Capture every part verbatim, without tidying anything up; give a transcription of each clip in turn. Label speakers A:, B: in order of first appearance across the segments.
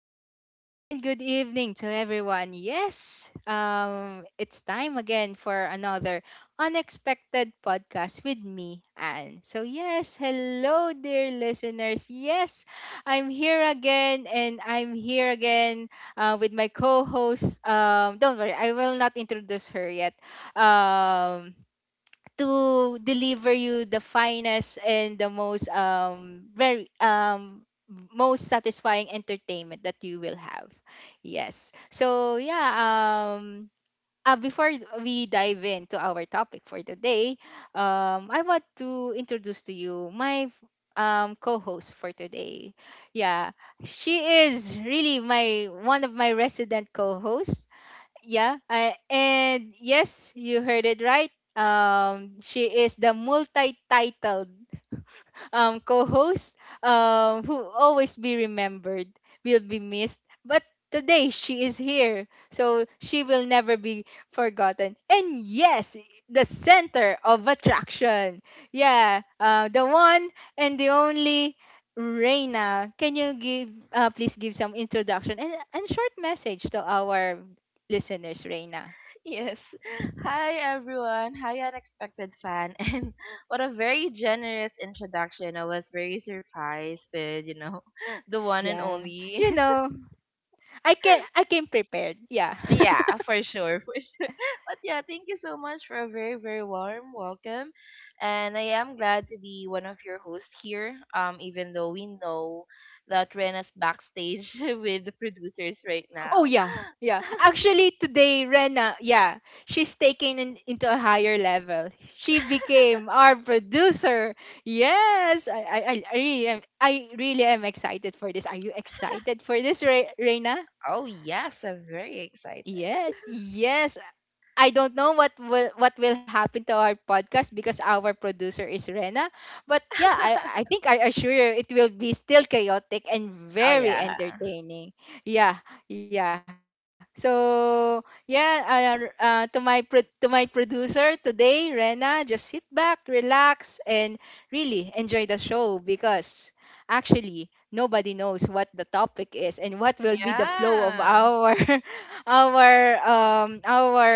A: good afternoon, and good evening to everyone. Yes, um, it's time again for another unexpected podcast with me, Anne. So, yes, hello, dear listeners. Yes, I'm here again, and I'm here again uh, with my co host. Um, don't worry, I will not introduce her yet. Um, to deliver you the finest and the most um very um most satisfying entertainment that you will have. Yes. So yeah, um uh, before we dive into our topic for today, um I want to introduce to you my um co-host for today. Yeah, she is really my one of my resident co-hosts, yeah, I, and yes, you heard it right. Um, she is the multi-titled um, co-host, um, who always be remembered, will be missed. But today she is here, so she will never be forgotten. And yes, the center of attraction. Yeah, uh, the one and the only Reina. Can you give, uh, please give some introduction and and short message to our listeners, Reina?
B: Yes. Hi, everyone. Hi, unexpected fan. And what a very generous introduction. I was very surprised with, you know, the one
A: Yeah,
B: and
A: you
B: only.
A: know, I came I came prepared. Yeah.
B: Yeah, for sure. For sure. But yeah, thank you so much for a very, very warm welcome. And I am glad to be one of your hosts here, um, even though we know that Rena's backstage with the producers right
A: Oh
B: now.
A: yeah, yeah. Actually, today Rena, yeah, she's taken in, into a higher level. She became our producer. Yes, I, I, I I really am. I really am excited for this. Are you excited for this, Re- Rena?
B: Oh, yes. I'm very excited.
A: Yes, yes. I don't know what will what will happen to our podcast because our producer is Rena. But yeah, I, I think I assure you it will be still chaotic and
B: Oh,
A: very
B: yeah.
A: entertaining. Yeah, yeah. So yeah, uh, r- uh, to my pro- to my producer today, Rena, just sit back, relax, and really enjoy the show because actually nobody knows what the topic is and what will be the flow of
B: Yeah.
A: our our um our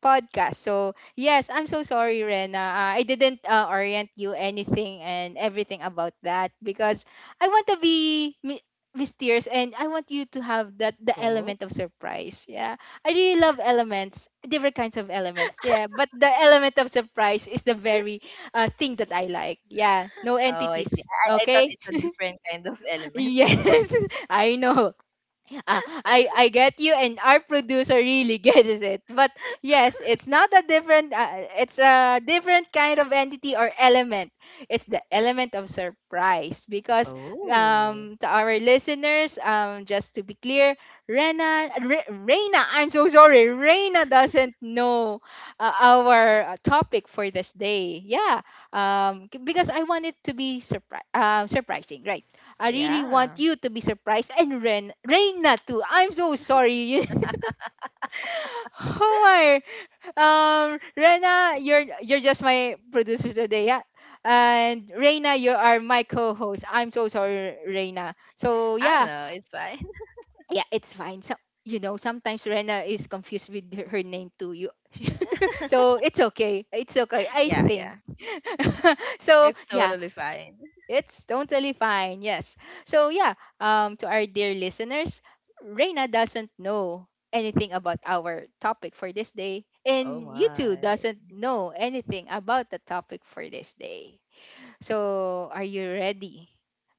A: podcast. So yes, I'm so sorry, Rena. Uh, I didn't uh, orient you anything and everything about that because I want to be mi- mysterious and I want you to have that the
B: Oh.
A: element of surprise. Yeah, I really love elements, different kinds of elements. Yeah, but the element of surprise is the very uh, thing that I like. Yeah, no
B: Oh, I see.
A: entities.
B: I I thought
A: Okay.
B: it's a different kind of element.
A: Yes, I know. Ah, I I get you, and our producer really gets it. But yes, it's not a different. Uh, it's a different kind of entity or element. It's the element of surprise because
B: Oh.
A: um to our listeners, um just to be clear, Rena Re- Reina, I'm so sorry, Reina doesn't know uh, our uh, topic for this day. Yeah, um c- because I want it to be surpri- uh, surprising, right? I really want
B: Yeah.
A: you to be surprised and Ren Reina too. I'm so sorry. Oh my. Um Rena, you're you're just my producer today, yeah. And Reina, you are my co-host. I'm so sorry, Reina. So
B: I don't
A: yeah,
B: know. It's fine.
A: yeah, it's fine. So you know, sometimes Rena is confused with her, her name too. You so it's okay. It's okay. I
B: Yeah,
A: think.
B: yeah.
A: So
B: It's
A: yeah,
B: totally fine.
A: it's totally fine. Yes. So yeah, um, to our dear listeners, Reina doesn't know anything about our topic for this day,
B: Oh
A: and you too
B: my.
A: doesn't know anything about the topic for this day. So are you ready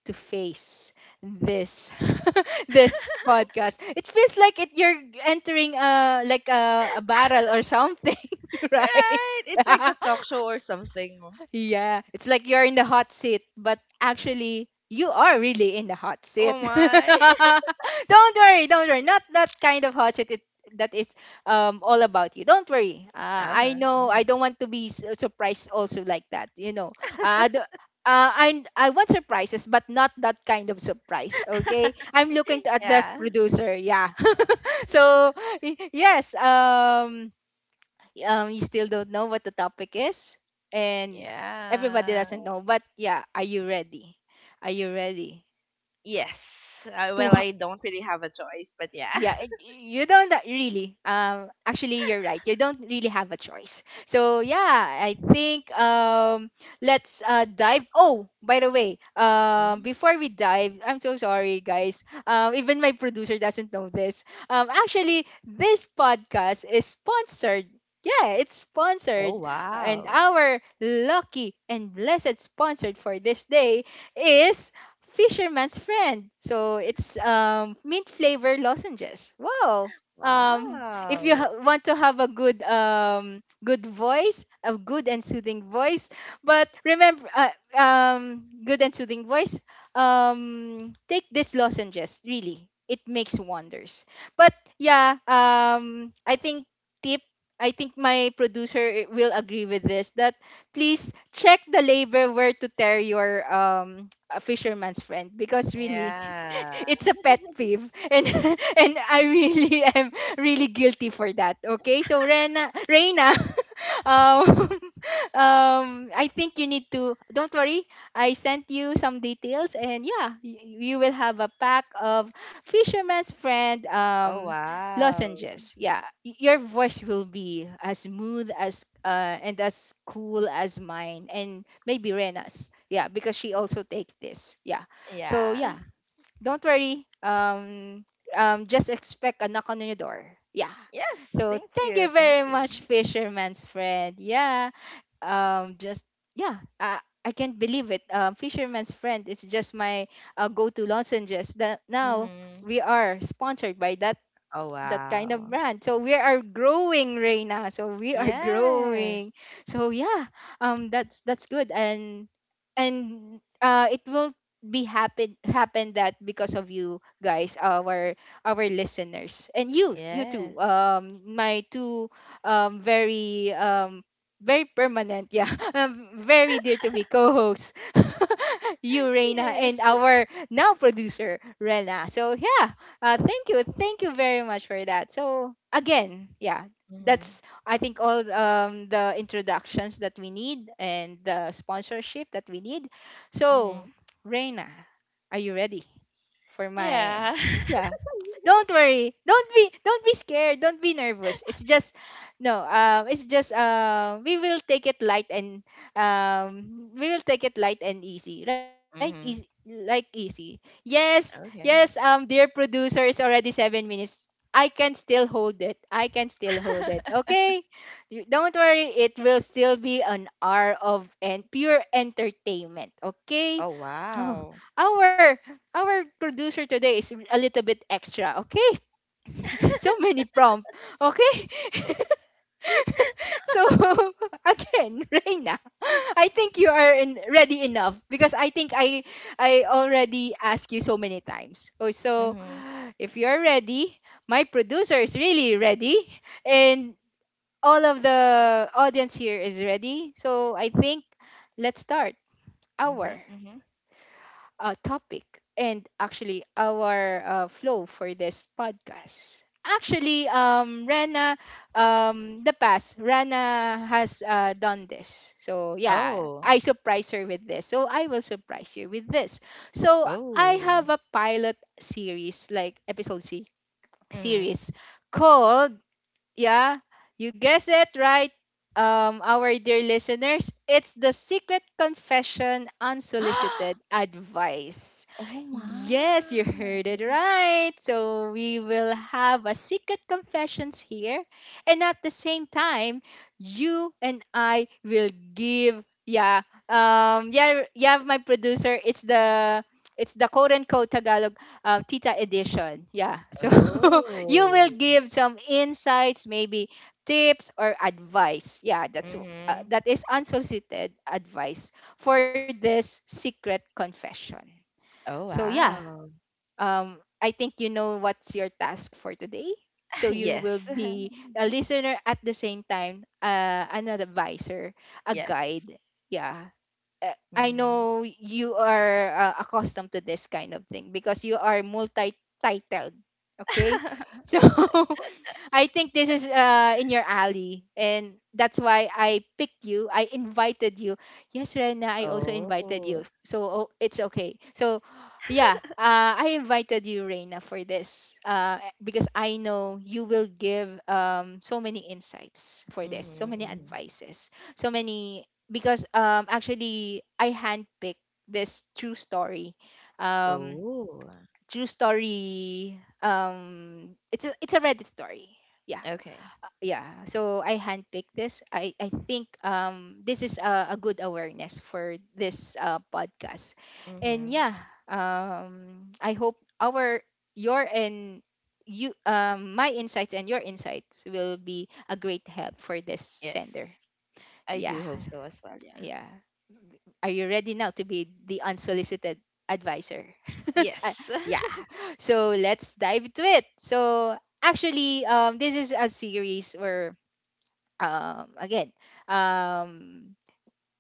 A: to face this this podcast? It feels like it you're entering a like a, a barrel or something, right?
B: Right? It's like a talk show or something.
A: Yeah, it's like you're in the hot seat, but actually you are really in the hot seat.
B: Oh my.
A: Don't worry, don't worry. Not that kind of hot seat it, that is um all about you. Don't worry. Uh, I
B: Uh-huh.
A: know I
B: Mhm.
A: don't want to be su- surprised also like that. You know, uh, I do- uh, I I want surprises, but not that kind of surprise. Okay, I'm looking at the
B: Yeah.
A: producer. Yeah. So y- yes. Um um, you still don't know what the topic is, and everybody
B: Yeah.
A: doesn't know. But yeah, are you ready? Are you ready?
B: Yes. Uh,
A: Two
B: well, I don't really have a choice, but yeah.
A: yeah it- you don't a- really um actually you're right, you don't really have a choice, so yeah, I think um let's uh dive oh, by the way, um
B: Mm.
A: before we dive, I'm so sorry guys, um even my producer doesn't know this, um actually this podcast is sponsored, yeah, it's
B: Oh
A: sponsored. And
B: wow.
A: our lucky and blessed sponsored for this day is Fisherman's Friend. So it's um, mint flavor lozenges. Wow. Um, if you
B: Wow.
A: ha- want to have a good um, good voice, a good and soothing voice, but remember, uh, um, good and soothing voice, um, take these lozenges. Really, it makes wonders. But yeah, um, I think tip. I think my producer eh, will agree with this that please check the label where to tear your um a fisherman's friend because really
B: Yeah.
A: it's a pet peeve and and I really am really guilty for that. Okay? So Rena Reina um, um, I think you need to. Don't worry, I sent you some details, and yeah, y- you will have a pack of Fisherman's Friend
B: Oh
A: um,
B: wow.
A: lozenges. Yeah, y- your voice will be as smooth as uh, and as cool as mine, and maybe Rena's. Yeah, because she also takes this. Yeah, so
B: Yeah.
A: yeah, don't worry. Um, um, just expect a knock on your door. Yeah,
B: Yes,
A: so
B: thank
A: thank
B: you.
A: you
B: Thank
A: very
B: you.
A: much, Fisherman's Friend. Yeah. Um. Just yeah. I I can't believe it. Um. Fisherman's Friend is just my uh, go-to lozenges. That now
B: Mhm.
A: we are sponsored by that
B: Oh
A: that kind of
B: wow.
A: brand. So we are growing, Reina. So we are
B: Yes.
A: growing. So yeah, um, that's that's good, and and uh, it will be happen happen that because of you guys, our our listeners, and you, you too.
B: Yes.
A: Um, my two um very um very permanent, yeah, um, very dear to me co-hosts. You, Reina,
B: Yes.
A: and our now producer, Rena. So yeah, uh, thank you. Thank you very much for that. So, again, yeah,
B: Mhm.
A: that's, I think, all um, the introductions that we need and the sponsorship that we need. So,
B: Mhm.
A: Reina, are you ready? For my
B: Yeah.
A: yeah. Don't worry. Don't be don't be scared. Don't be nervous. It's just no. Um, it's just um, we will take it light and um, we will take it light and easy, right? Easy,
B: Mhm.
A: like easy. Yes, yes.
B: Okay.
A: Um, dear producer, it's already seven minutes. I can still hold it. I can still hold it. Okay, You- don't worry. It will still be an hour of and pure entertainment. Okay.
B: Oh
A: Oh,
B: wow.
A: our our producer today is a little bit extra, okay? So many prompts, okay? So again, Reina, I think you are in, ready enough because I think I I already asked you so many times. Oh, so
B: Mhm.
A: if you're ready, my producer is really ready, and all of the audience here is ready. So I think let's start our
B: Mhm. Mhm.
A: uh, topic and actually our uh, flow for this podcast. Actually, um, Rana, um, the past, Rana has uh, done this. So, yeah,
B: Oh.
A: I surprise her with this. So, I will surprise you with this. So, I
B: Oh.
A: have a pilot series, like episode C
B: Mhm.
A: series, called yeah, you guessed it right, um, our dear listeners. It's the secret confession unsolicited advice.
B: Oh my.
A: Yes, you heard it right. So we will have a secret confessions here, and at the same time, you and I will give. Yeah, um, yeah, yeah. My producer, it's the it's the quote unquote Tagalog uh, Tita edition. Yeah, so you will
B: Oh.
A: give some insights, maybe tips or advice. Yeah, that's uh,
B: Mhm.
A: that is unsolicited advice for this secret confession. So
B: Oh
A: yeah,
B: wow.
A: um, I think you know what's your task for today. So you
B: Yes.
A: will be a listener at the same time, uh, an advisor, a
B: Yes.
A: guide. Yeah. Uh, I
B: Mm.
A: know you are uh, accustomed to this kind of thing because you are multi-titled. Okay, so I think this is uh, in your alley, and that's why I picked you. I invited you. Yes, Rena, I also invited
B: Oh.
A: you. So oh, it's okay. So yeah, uh, I invited you, Rena, for this uh, because I know you will give um, so many insights for this, so
B: Mhm,
A: many
B: mhm.
A: advices, so many. Because um, actually, I handpicked this true story. Um,
B: Oh.
A: True story. Um, it's a, it's a Reddit story, yeah,
B: Okay.
A: yeah. So I handpicked this. i I think um this is a, a good awareness for this uh, podcast, and
B: Mhm.
A: yeah, um I hope our your and you um my insights and your insights will be a great help for this
B: Yes.
A: sender.
B: I
A: Yeah,
B: do hope so as well, yeah.
A: yeah, are you ready now to be the unsolicited advisor? Uh,
B: Yes.
A: yeah, so let's dive to it. So actually, um this is a series or um again, um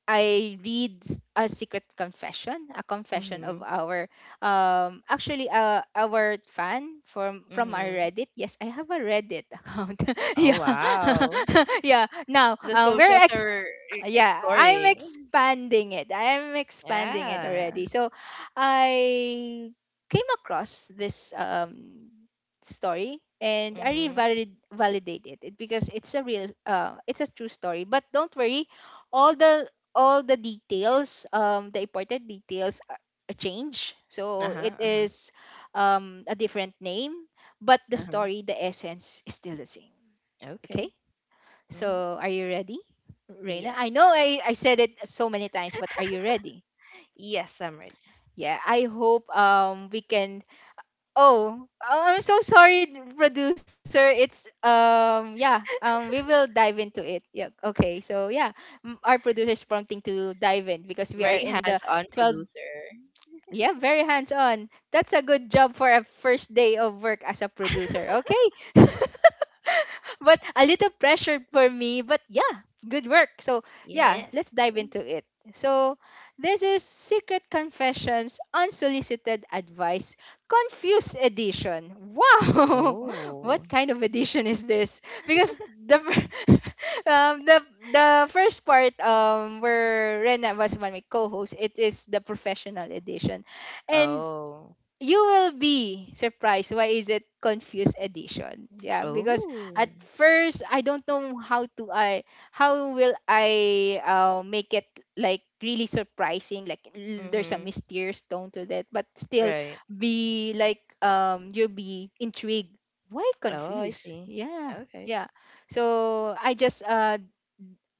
A: I read a secret confession, a confession of
B: Mhm.
A: our um actually uh our fan from from our
B: Mhm.
A: Reddit. Yes, I have a Reddit account.
B: Oh,
A: Yeah.
B: wow.
A: Yeah. Now,
B: The
A: um we're
B: socials
A: ex
B: are e-
A: yeah, I'm
B: exploring.
A: expanding it. I am expanding it
B: Yeah.
A: already. So, I came across this um story and I really
B: Mhm.
A: valid- validate it, it because it's a real uh it's a true story. But don't worry, all the all the details, um, the important details are are change. So it
B: Uh-huh, uh-huh.
A: is um, a different name, but the
B: Uh-huh.
A: story, the essence is still the same. Okay?
B: Okay. Mhm.
A: So are you ready, Reina? I
B: Yes.
A: know I, I said it so many times, but are you ready?
B: Yes, I'm ready.
A: Yeah, I hope um we can oh, oh I'm so sorry producer. It's um yeah, um we will dive into it. Yeah, okay. So yeah, m- our producer is prompting to dive in because we are
B: Very
A: in the
B: hands-on
A: twelve.
B: producer.
A: Yeah, very hands on. That's a good job for a first day of work as a producer. Okay. But a little pressure for me. But yeah, good work. So yeah,
B: Yes.
A: let's dive into it. So this is Secret Confessions Unsolicited Advice Confused Edition. Wow! What
B: Oh.
A: kind of edition is this? Because the fir- um, the the first part um where Rena was my co-host, it is the professional edition. And
B: Oh.
A: you will be surprised why is it confused edition, yeah, because at
B: Oh.
A: first I don't know how to I how will I uh, make it like really surprising, like l- there's a
B: Mhm.
A: mysterious tone to that but still
B: Right.
A: be like um you'll be intrigued why
B: Oh, I
A: confused,
B: see.
A: yeah.
B: Okay.
A: Yeah, so I just uh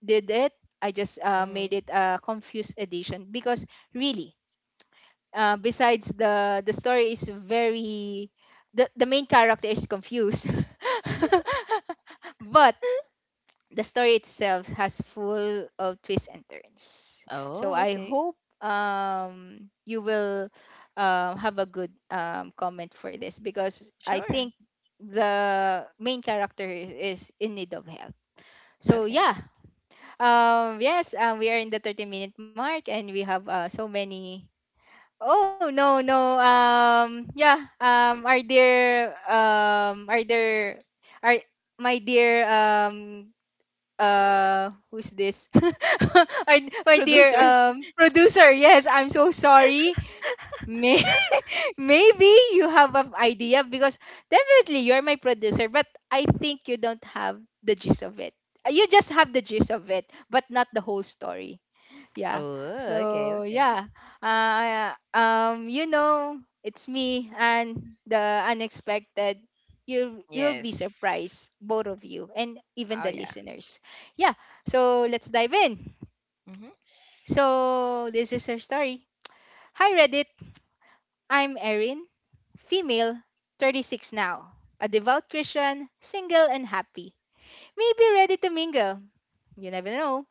A: did it. I just uh made
B: Mhm.
A: it a confused edition because really uh, besides, the the story is very the, the main character is confused but the story itself has full of twists and turns. So
B: Oh,
A: I
B: okay.
A: hope um you will uh, have a good um, comment for this because I
B: Sure.
A: think the main character is in need of help. So
B: Okay.
A: yeah. Um yes, um, we are in the thirty minute mark and we have uh, so many oh no no um yeah um our dear um our dear our my dear um uh who's this? our, our dear
B: Producer.
A: um producer, yes, I'm so sorry May, maybe you have an idea because definitely you're my producer but I think you don't have the gist of it. You just have the gist of it, but not the whole story, yeah.
B: Oh, okay,
A: So
B: okay.
A: yeah, uh, um you know it's me and the unexpected. You you'll
B: Yes.
A: be surprised, both of you and even
B: Oh
A: the
B: yeah.
A: listeners. Yeah, so let's dive in.
B: Mhm.
A: So this is her story. Hi Reddit, I'm Erin, female, thirty-six now, a devout Christian, single and happy, maybe ready to mingle, you never know.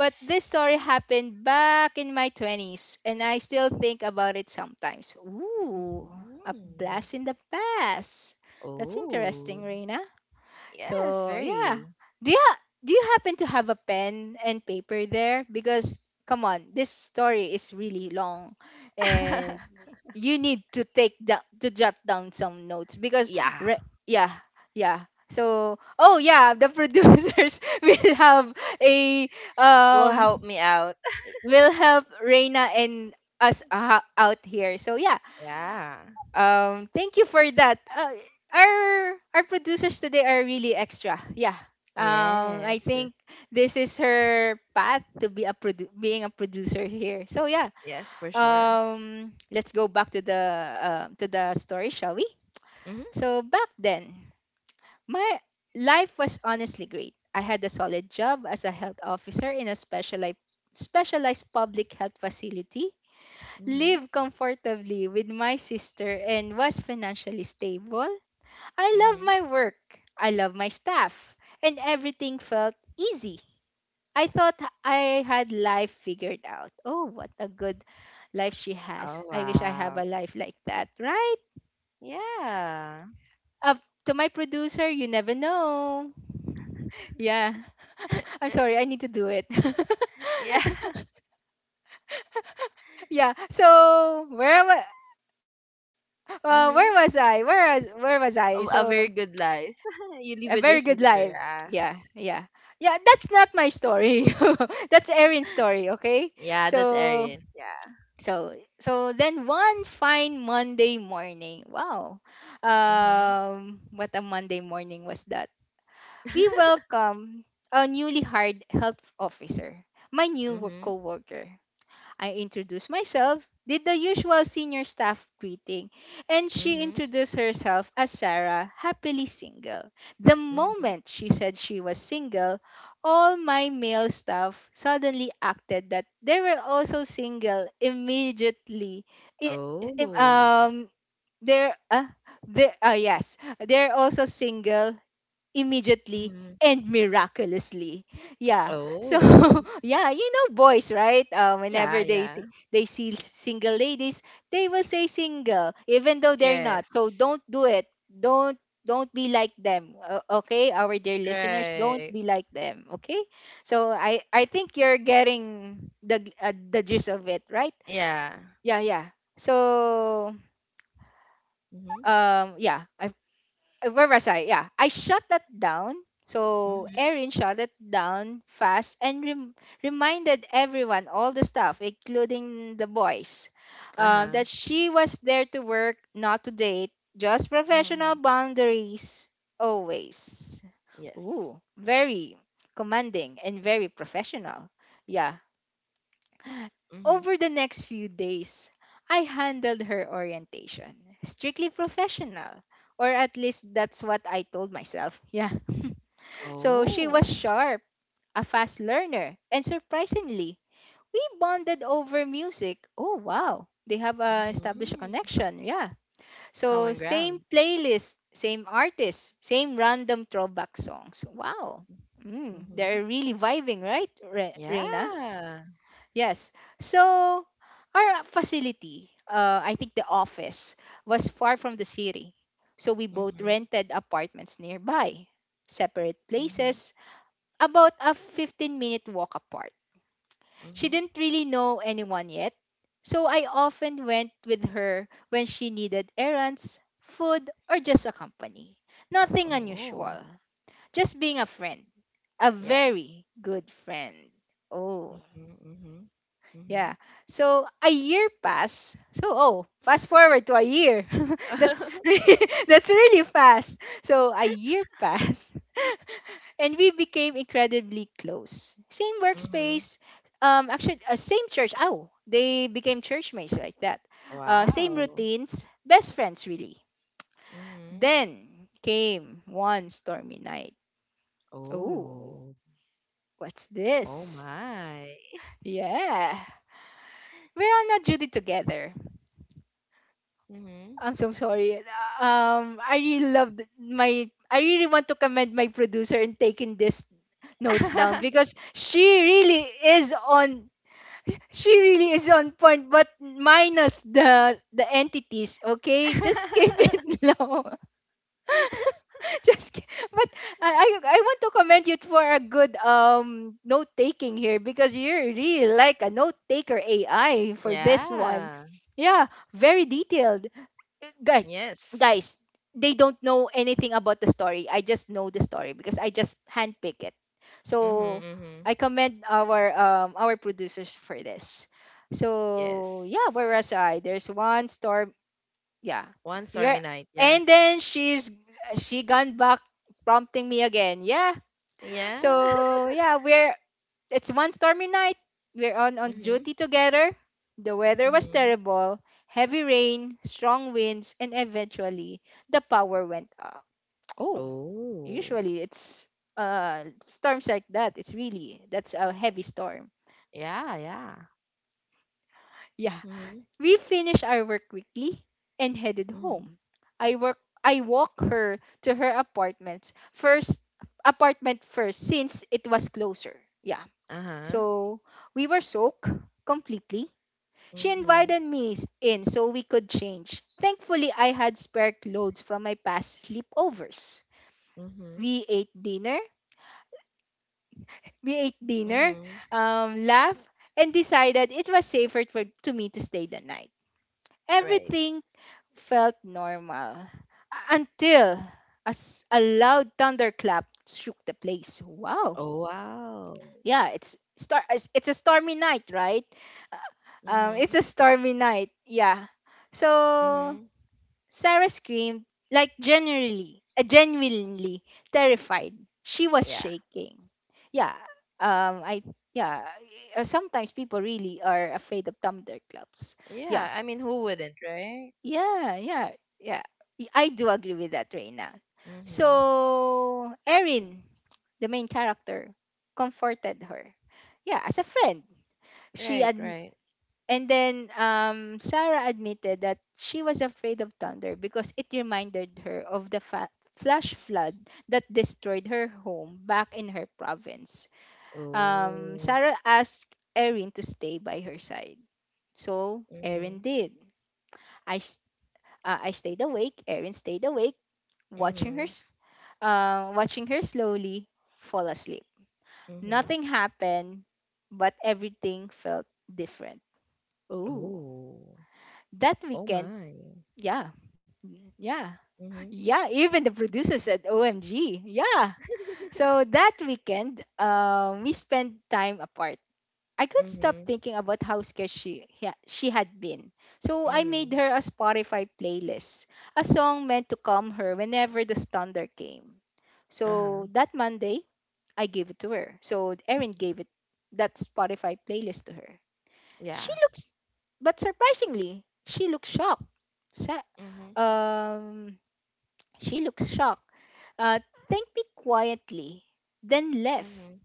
A: But this story happened back in my twenties, and I still think about it sometimes. Ooh, a
B: Hmm.
A: blast in the past. That's
B: Oh.
A: interesting, Reina.
B: Yes,
A: So yeah,
B: very.
A: do you ha- do you happen to have a pen and paper there? Because come on, this story is really long, and you need to take down to jot down some notes because
B: Yeah.
A: re- yeah, yeah. So oh yeah, the producers will have a
B: Will help
A: um
B: me out.
A: will have Reina and us uh, out here. So yeah,
B: Yeah.
A: um, thank you for that. Uh, our our producers today are really extra. Yeah. Um, I
B: Yes.
A: think this is her path to be a produ- being a producer here. So yeah.
B: Yes, for sure.
A: Um, let's go back to the uh, to the story, shall we?
B: Mhm.
A: So back then, my life was honestly great. I had a solid job as a health officer in a specialized specialized public health facility,
B: Mhm.
A: lived comfortably with my sister and was financially stable. I love
B: Mhm.
A: my work. I love my staff. And everything felt easy. I thought I had life figured out. Oh, what a good life she has.
B: Oh,
A: I wish I have
B: wow.
A: a life like that, right?
B: Yeah.
A: Up to my producer, you never know. Yeah. I'm sorry, I need to do it.
B: Yeah.
A: Yeah. So, where was uh, where was I?
B: Mm-hmm.
A: Where was where was I? So,
B: A, a very good life. You
A: a
B: live with
A: very
B: your
A: good
B: sister.
A: life.
B: Yeah.
A: Yeah, yeah. Yeah, that's not my story. That's Erin's story, okay?
B: Yeah, that's
A: So
B: Arians. Yeah.
A: so so then one fine Monday morning. Wow.
B: Mm-hmm.
A: Um what a Monday morning was that. We welcome a newly hired health officer, my new work
B: Mm-hmm.
A: coworker. I introduced myself, did the usual senior staff greeting, and she
B: Mm-hmm.
A: introduced herself as Sarah, happily single. The
B: Mm-hmm.
A: moment she said she was single, all my male staff suddenly acted that they were also single immediately. I- im-
B: Oh.
A: um, they're, uh, they're, uh, yes, they're also single immediately
B: Mm-hmm.
A: and miraculously. Yeah. So
B: Oh.
A: yeah, you know boys, right? Uh,
B: Yeah,
A: whenever they
B: yeah.
A: see- they see single ladies, they will say single, even though they're not.
B: Yes.
A: So don't do it. Don't don't be like them. Uh, okay, our dear listeners, don't
B: Right.
A: be like them. Okay. So I I think you're getting the uh, the gist of it, right?
B: Yeah.
A: Yeah, yeah. So
B: Mm-hmm.
A: um yeah, I uh, where was I? Yeah, I shut that down. So
B: Mm-hmm.
A: Erin shut it down fast and rem- reminded everyone, all the staff, including the boys, um,
B: Uh-huh.
A: that she was there to work, not to date, just
B: Mm-hmm.
A: professional boundaries always.
B: Yes.
A: Ooh, very commanding and very professional. Yeah,
B: Mm-hmm.
A: over the next few days, I handled her orientation. Strictly professional. Or at least that's what I told myself. Yeah. So she was
B: Oh.
A: sharp, a fast learner, and surprisingly, we bonded over music. Oh, wow. They have uh, established a
B: Mm-hmm.
A: connection. Yeah. So,
B: Common
A: same
B: ground.
A: playlist, same artists, same random throwback songs. Wow. Mm,
B: Mm-hmm.
A: they're really vibing, right, Re- Reina?
B: Yeah.
A: Yes. So our facility, uh, I think the office, was far from the city. So we both
B: Mm-hmm.
A: rented apartments nearby, separate
B: Mm-hmm.
A: places, about a fifteen minute walk apart. She
B: Mm-hmm.
A: didn't really know anyone yet. So I often went with her when she needed errands, food, or just a company. Nothing
B: Oh.
A: unusual, just being a friend. A
B: Yeah.
A: very good friend. Oh.
B: Mhm, mhm. Mhm.
A: Yeah. So a year passed. So oh, fast forward to a year. That's
B: Mhm.
A: really, that's really fast. So a year passed, and we became incredibly close. Same workspace. Um, actually, uh, same church. Oh, they became churchmates like that. Uh, same
B: Wow.
A: routines. Best friends, really.
B: Mhm.
A: Then came one stormy night. Oh,
B: Oh.
A: what's
B: Oh
A: this?
B: my.
A: Yeah, we're on a duty together.
B: Mhm.
A: I'm so sorry. Um, I really loved my. I really want to commend my producer in taking these notes down because she really is on. She really is on point, but minus the the entities. Okay, just keep it low. Just ki- but I, I I want to commend you for a good um note taking here because you're really like a note taker A I for this one.
B: Yeah.
A: Yeah, very detailed guys,
B: Yes.
A: guys, they don't know anything about the story. I just know the story because I just handpick it.
B: Mhm,
A: So I
B: mhm.
A: commend our um our producers for this.
B: Yes.
A: So yeah, where was I? There's one storm. Yeah,
B: One
A: yeah.
B: stormy night. Yeah.
A: And then she's she gone back prompting me again. Yeah.
B: Yeah.
A: So yeah, we're it's one stormy night. We're on, on
B: Mhm.
A: duty together. The weather was
B: Mhm.
A: terrible, heavy rain, strong winds, and eventually the power went out. Oh,
B: Oh.
A: usually it's uh, storms like that. It's really, that's a heavy storm.
B: Yeah, yeah.
A: Yeah.
B: Mhm.
A: We finished our work quickly and headed
B: Mhm.
A: home. I work I walk her to her apartment first apartment first since it was closer. Yeah.
B: Uh-huh.
A: So we were soaked completely. She
B: Mhm.
A: invited me s- in so we could change. Thankfully, I had spare clothes from my past sleepovers.
B: Mhm.
A: We ate dinner. We ate dinner,
B: Mhm.
A: um, laughed, and decided it was safer for, to me to stay the night.
B: Right.
A: Everything felt normal u- until a, s- a loud thunderclap shook the place. Wow.
B: Oh, wow.
A: Yeah, it's star. It's it's a stormy night, right? Um, it's
B: Mhm.
A: a stormy night. Yeah. So
B: Mhm.
A: Sarah screamed, like generally, uh, genuinely terrified. She was
B: Yeah.
A: shaking. Yeah, um, I yeah. uh, sometimes people really are afraid of Tumblr clubs. Yeah,
B: Yeah. I mean, who wouldn't, right?
A: yeah, yeah, yeah. Y- I do agree with that, Reina.
B: Mhm.
A: So Erin, the main character, comforted her. Yeah, as a friend, she
B: Right.
A: ad-
B: Right.
A: and then um, Sarah admitted that she was afraid of thunder because it reminded her of the fa- flash flood that destroyed her home back in her province. Um,
B: Oh.
A: Sarah asked Erin to stay by her side. So Erin
B: Mhm.
A: did. I, s- uh, I stayed awake. Erin stayed awake, watching her,
B: Mhm.
A: s- uh, watching her slowly fall asleep.
B: Mhm.
A: Nothing happened, but everything felt different. Oh.
B: Oh.
A: That
B: Oh
A: weekend,
B: my.
A: yeah. Mm, yeah.
B: Mhm.
A: Yeah. Even the producers at O M G. Yeah. So that weekend, um, we spent time apart. I could stop
B: Mhm.
A: thinking about how scared she, yeah, she had been. So I made
B: Mhm.
A: her a Spotify playlist, a song meant to calm her whenever the thunder came.
B: Uh huh.
A: So that Monday, I gave it to her. So Erin gave it that Spotify playlist to her.
B: Yeah.
A: She looks, but surprisingly, she looked shocked. Sa-
B: Mhm.
A: um she looked shocked, uh, thanked me quietly, then left.
B: Mhm.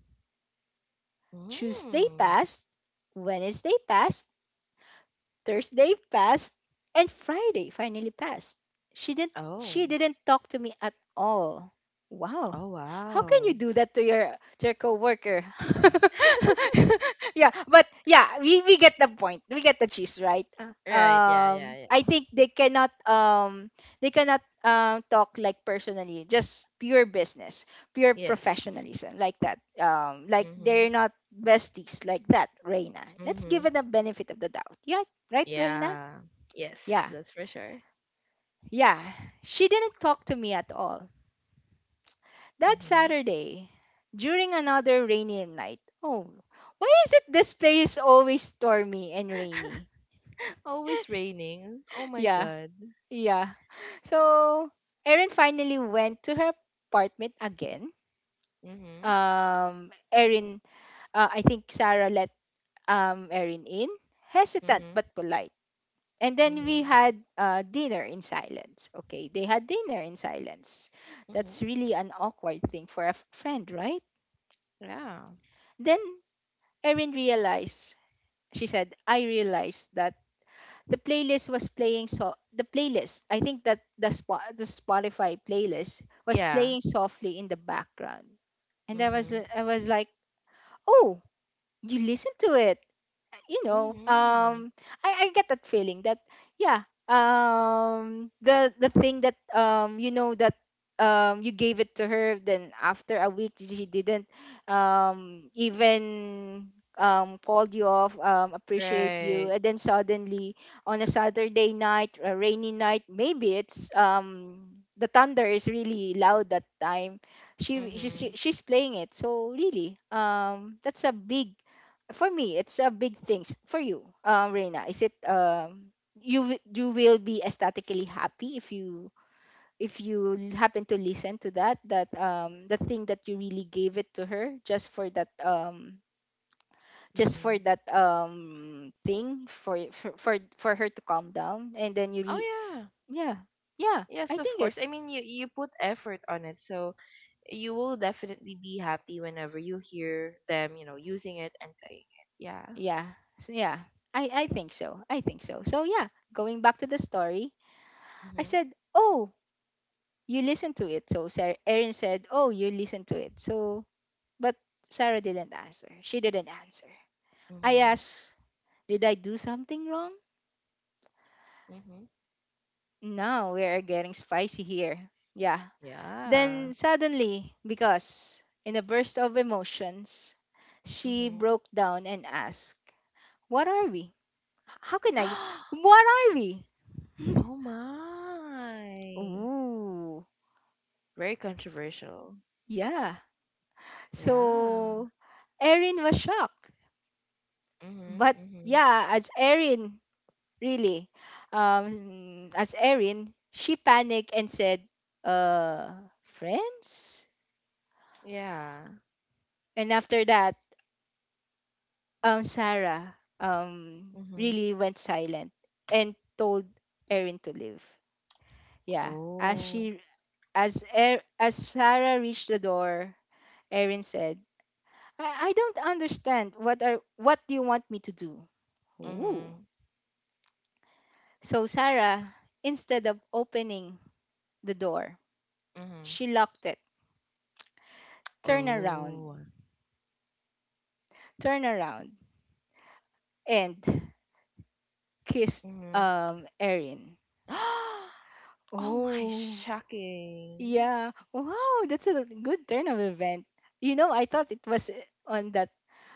A: Tuesday
B: Mm.
A: passed, Wednesday passed, Thursday passed and Friday finally passed. She didn't she
B: Oh.
A: didn't talk to me at all. Wow.
B: Oh
A: How can you
B: wow.
A: do that to your to your coworker? Yeah, but yeah, we, we get the point. We get the gist, right? Uh.
B: Right. Yeah. Yeah.
A: Um I
B: Yeah.
A: think they cannot um they cannot um talk like personally, just pure business, pure
B: Yes.
A: professionalism like that. Um like they're
B: Mhm.
A: not besties like that, Reina. Let's give
B: Mhm.
A: it the benefit of the doubt. Yeah. Right, Reina?
B: Yeah. Yes.
A: Yeah,
B: That's for sure.
A: yeah. She didn't talk to me at all. That
B: Mhm.
A: Saturday, during another rainy night. Oh, why is it this place always stormy and rainy?
B: Always raining. Oh my
A: Yeah,
B: god.
A: yeah. So, Erin finally went to her apartment again.
B: Mhm.
A: Um, Erin, uh, I think Sarah let um Erin in, hesitant
B: Mhm.
A: but polite. And then we
B: Mhm.
A: had uh, dinner in silence. Okay, they had dinner in silence. That's
B: Mhm.
A: really an awkward thing for a f- friend, right?
B: Yeah.
A: Then Erin realized, she said, I realized that the playlist was playing so the playlist I think that the spot the Spotify playlist was
B: Yeah.
A: playing softly in the background and i was
B: Mhm.
A: i was like, oh, you listen to it. uh, you know,
B: Mhm.
A: um, I, I get that feeling that, yeah, um, the the thing that um, you know that um, you gave it to her, then after a week she didn't, um, even, um, called you off, um, appreciate you,
B: Right.
A: and then suddenly on a Saturday night, a rainy night, maybe it's, um, the thunder is really loud that time. She, she
B: Mhm.
A: she- she's playing it, so really, um, that's a big, for me it's a big things for you, um Reina, is it, um you wi- you will be ecstatically happy if you, if you l- happen to listen to that, that um the thing that you really gave it to her just for that, um just for
B: Mhm.
A: that um thing for y- for for, for her to calm down and then you re-
B: Oh yeah.
A: yeah, yeah
B: Yes,
A: I
B: of
A: think it
B: course. I mean, you you put effort on it, so you will definitely be happy whenever you hear them, you know, using it and playing it. Yeah.
A: yeah so yeah I I think so. I think so so yeah, going back to the story. I
B: Mhm.
A: said, oh, you listen to it. So Sarah, Erin said, oh, you listen to it. So, but Sarah didn't answer. She didn't answer. I
B: Mhm.
A: asked, did I do something wrong?
B: Mhm.
A: No, we are getting spicy here. Yeah.
B: Yeah.
A: Then suddenly, because in a burst of emotions, she
B: Mhm.
A: broke down and asked, what are we? H- How can I? What are we?
B: Oh my.
A: Ooh,
B: Very controversial.
A: yeah.
B: Yeah.
A: So Erin was shocked.
B: Mhm.
A: But
B: Mhm.
A: yeah, as Erin really. Um, as Erin, she panicked and said, uh, friends?
B: Yeah.
A: And after that, um, Sarah, um,
B: Mhm.
A: really went silent and told Erin to leave. Yeah. As
B: Oh.
A: she as er, as Sarah reached the door, Erin said, I, I don't understand, what are what do you want me to do? Ooh.
B: Mhm.
A: So Sarah, instead of opening the door,
B: Mhm.
A: she locked it, turned around
B: Oh.
A: turn around and kissed
B: Mhm.
A: um Erin.
B: Oh my,
A: Oh,
B: shocking
A: yeah. Wow, that's a good turn of event. You know, I thought it was eh, on that.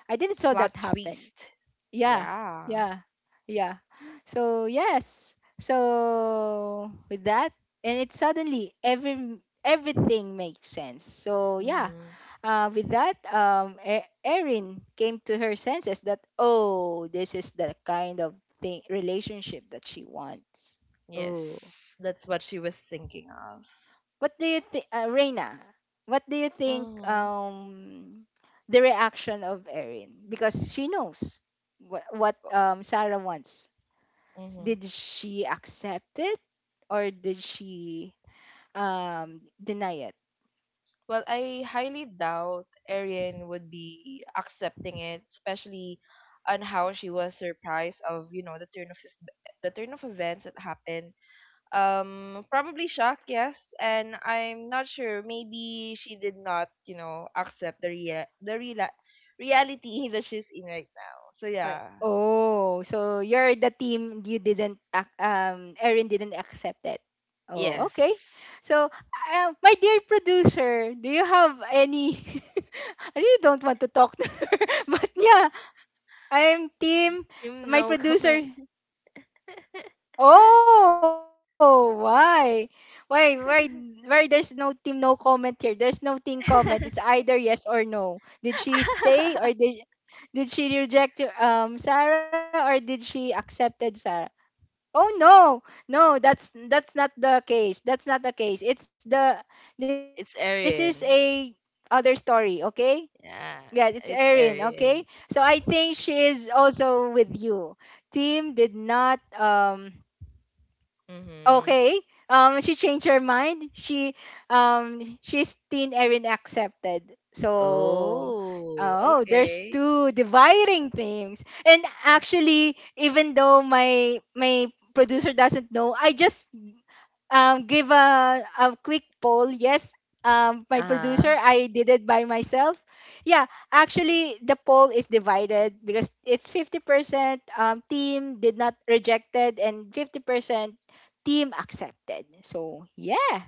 A: I didn't saw that
B: plot
A: happen.
B: twist.
A: Yeah,
B: Yeah.
A: yeah, yeah. So yes. So with that, and it suddenly every everything makes sense. So yeah,
B: Mhm.
A: uh, with that, um, E- Erin came to her senses that, oh, this is the kind of thing, relationship that she wants. Oh.
B: Yes, that's what she was thinking of.
A: What do you think, uh, Reina? What do you think,
B: Mhm.
A: um, the reaction of Erin? Because she knows what, what, um, Sarah wants.
B: Mhm.
A: Did she accept it or did she, um, deny it?
B: Well, I highly doubt Arian would be accepting it, especially on how she was surprised of, you know, the turn of ev- the turn of events that happened. Um, probably shocked, yes, and I'm not sure. Maybe she did not, you know, accept the rea- the real reality that she's in right now. So
A: Uh,
B: yeah,
A: oh, so you're the team, you didn't ac- um Erin didn't accept it. Oh,
B: yes.
A: okay. So, uh, my dear producer, do you have any, I really don't want to talk to her, but yeah, I'm team
B: Him,
A: my
B: no comment.
A: producer. Oh, why? Why, why, why there's no team, no comment here. There's no team comment. It's either yes or no. Did she stay or did did she reject um Sarah or did she accepted Sarah? Oh no, no, that's that's not the case. That's not the case. It's the This is
B: It's
A: a
B: Erin.
A: other story, okay? Yeah, it's
B: Yeah,
A: Erin,
B: it's
A: okay? So I
B: Arian.
A: think she is also with you. Team did not, um okay.
B: Mm-hmm.
A: Um, she changed her mind. She um she's teen Erin accepted. So
B: Oh,
A: oh, there's
B: okay.
A: two dividing things. And actually, even though my my producer doesn't know, I just, um, give a, a quick poll. Yes, um, my
B: Uh-huh.
A: producer, I did it by myself. Yeah, actually, the poll is divided because it's fifty percent um, team did not rejected and fifty percent team accepted. So, yeah.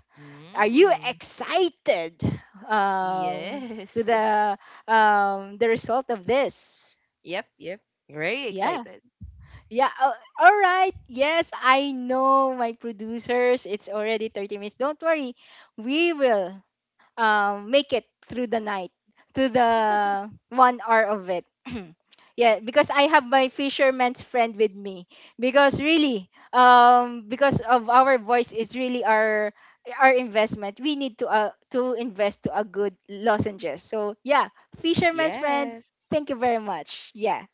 A: Are you
B: Mm.
A: excited, um,
B: Yes.
A: to the, um, the result of this?
B: Yep, yep. Very
A: Yeah.
B: excited.
A: Yeah, uh, all right. Yes, I know my producers. It's already thirty minutes. Don't worry. We will, um, make it through the night, through the one hour of it. Yeah, because I have my fisherman's friend with me. Because really, um, because of our voice is really our our investment. We need to uh, to invest to a good lozenges. So yeah, fisherman's friend.
B: Yes.
A: Thank you very much. Yeah.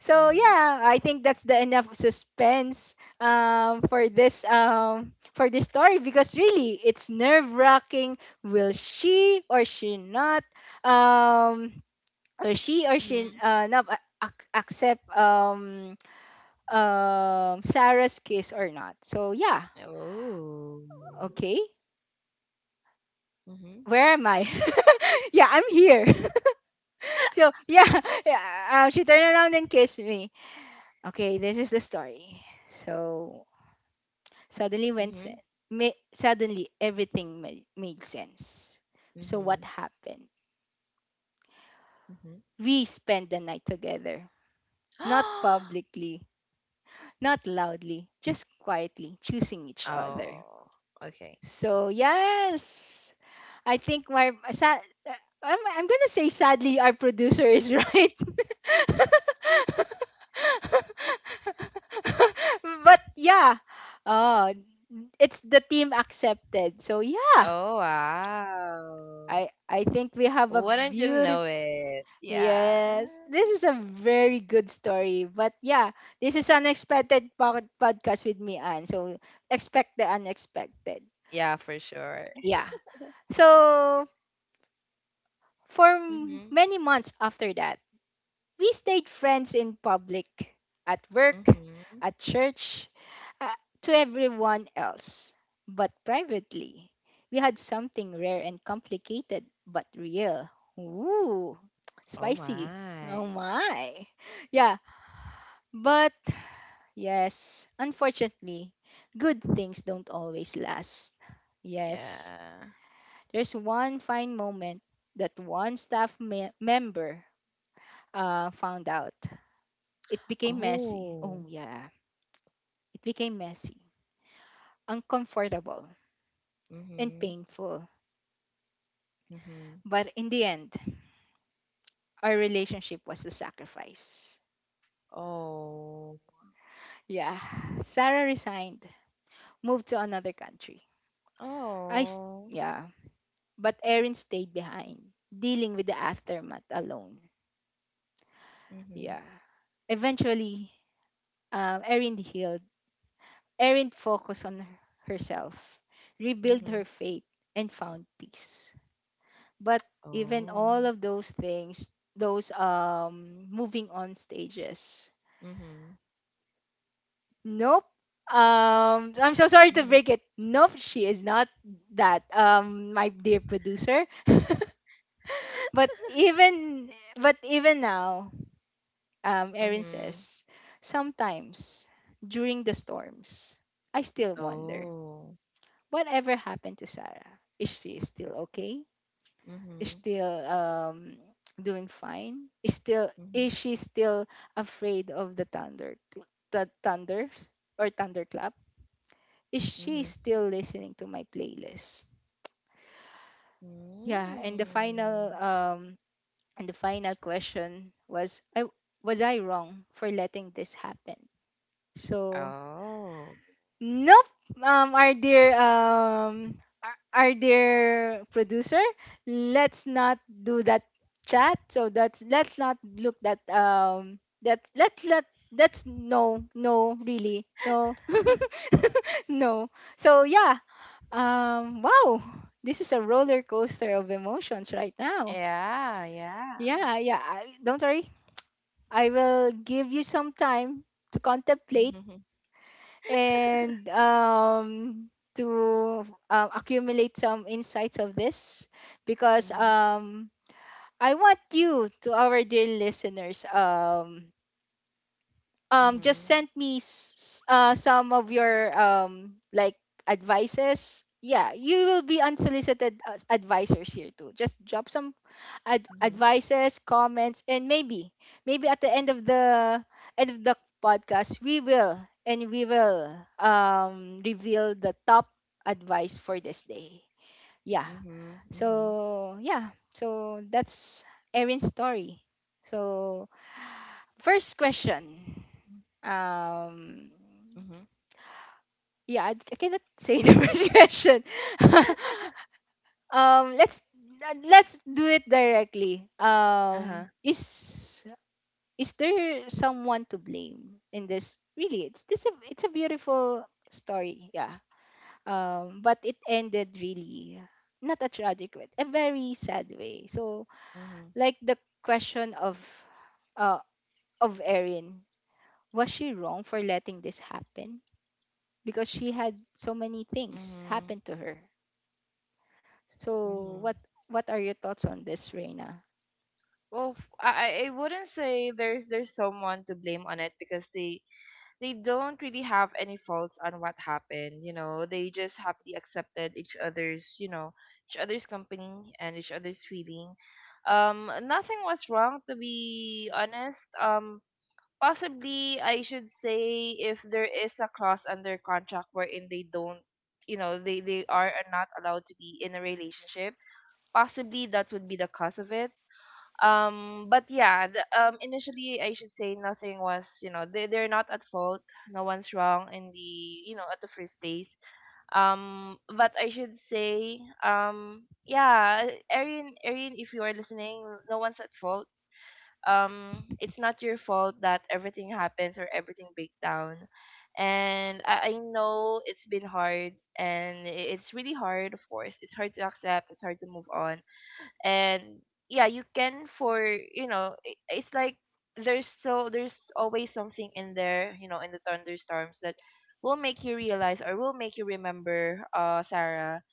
A: So
B: Mm-hmm.
A: yeah, I think that's the enough suspense, um, for this um, for this story because really it's nerve wracking, will she or she not, um will she or she,
B: Mm-hmm.
A: uh, not a- ac- accept um um Sarah's kiss or not. So yeah,
B: Oh.
A: okay,
B: Mm-hmm.
A: where am I? Yeah, I'm here. So yeah, yeah, uh, she turned around and kissed me. Okay, this is the story. So suddenly when
B: Mm-hmm.
A: se- ma- suddenly everything made, made sense. So what
B: Mm-hmm.
A: happened,
B: Mm-hmm.
A: we spent the night together, not publicly. Not loudly, just quietly choosing each other.
B: Oh, okay.
A: So, yes, I think my sa- uh, I'm, I'm gonna say sadly our producer is right. But yeah, oh, it's the team accepted. So yeah,
B: Oh, wow.
A: I I think we have a
B: Wouldn't you know
A: beautiful.
B: it? Yeah.
A: Yes, this is a very good story. But yeah, this is unexpected pod- podcast with me, Anne. So expect the unexpected.
B: Yeah, for sure.
A: Yeah. So for m-
B: Mm-hmm.
A: many months after that, we stayed friends in public, at work,
B: Mm-hmm.
A: at church, uh, to everyone else. But privately, we had something rare and complicated, but real. Ooh,
B: Oh
A: spicy.
B: my.
A: Oh my. Yeah, but, yes, unfortunately, good things don't always last. Yes,
B: Yeah.
A: there's one fine moment that one staff me- member, uh, found out. It became messy. Oh,
B: Oh.
A: yeah, it became messy, uncomfortable, and
B: Mm-hmm.
A: painful.
B: Mm-hmm.
A: But in the end, our relationship was the sacrifice.
B: Oh.
A: Yeah, Sarah resigned, moved to another country. I, s-
B: Oh.
A: yeah, but Erin stayed behind, dealing with the aftermath alone.
B: Mm-hmm.
A: Yeah. Eventually, um, Erin healed. Erin focused on her- herself, rebuilt
B: Mm-hmm.
A: her faith, and found peace. But even
B: Oh.
A: all of those things, those, um, moving on stages,
B: Mm-hmm.
A: nope. Um, I'm so sorry to
B: Mm-hmm.
A: break it. Nope, she is not that. Um, my dear producer. but even but even now, um, Erin
B: Mm-hmm.
A: says sometimes during the storms, I still wonder
B: Oh.
A: whatever happened to Sarah? Is she still okay? Is
B: Mm-hmm.
A: still, um doing fine? Is still is
B: Mm-hmm.
A: she still afraid of the thunder, the thunders or thunderclap? Is she
B: Mm-hmm.
A: still listening to my playlist? Yeah, and the final,
B: Mm.
A: um and the final question was, I was I wrong for letting this happen? So
B: Oh.
A: nope. Um, our dear um, our our dear producer, let's not do that chat. So that's let's not look that, um that let's let that's no, no really no, no. So yeah. Um. Wow. This is a roller coaster of emotions right now.
B: Yeah, yeah.
A: Yeah. Yeah. I, don't worry. I will give you some time to contemplate
B: Mm-hmm.
A: and, um to um, accumulate some insights of this because,
B: Mm-hmm.
A: um I want you to our dear listeners, um um just
B: Mm-hmm.
A: send me s- uh, some of your, um like advices. Yeah, you will be unsolicited as advisors here too. Just drop some ad-
B: Mm-hmm.
A: advices, comments, and maybe, maybe at the end of the end of the podcast, we will, and we will um, reveal the top advice for this day. Yeah.
B: Mm-hmm. Mm-hmm.
A: So yeah. So that's Erin's story. So first question. Um.
B: Mm-hmm.
A: Yeah, I, I cannot say the first question. Um. Let's let's do it directly.
B: Uh-huh.
A: Um. Is is there someone to blame in this, really, it's this a- it's a beautiful story. Yeah, um but it ended really not a tragic way, a very sad way. So,
B: Mm-hmm.
A: like the question of, uh of Erin, was she wrong for letting this happen? Because she had so many things
B: Mm-hmm.
A: happen to her. So
B: Mm-hmm.
A: what what are your thoughts on this, Reina?
B: Well, f- I I I wouldn't say there's there's someone to blame on it because they they don't really have any faults on what happened. You know, they just happily accepted each other's you know each other's company and each other's feeling. Um, nothing was wrong, to be honest. Um, possibly I should say if there is a clause under contract wherein they don't, you know, they they are not allowed to be in a relationship. Possibly that would be the cause of it, um but yeah, the, um initially I should say nothing was, you know, they, they're not at fault. No one's wrong in the, you know, at the first place. Um but I should say, um yeah, arian arian if you are listening, no one's at fault. Um, it's not your fault that everything happens or everything breaks down. And I, I know it's been hard, and i- it's really hard. Of course it's hard to accept, it's hard to move on. And yeah, you can, for, you know, i- it's like there's so there's always something in there, you know, in the thunderstorms that will make you realize or will make you remember, uh Sarah.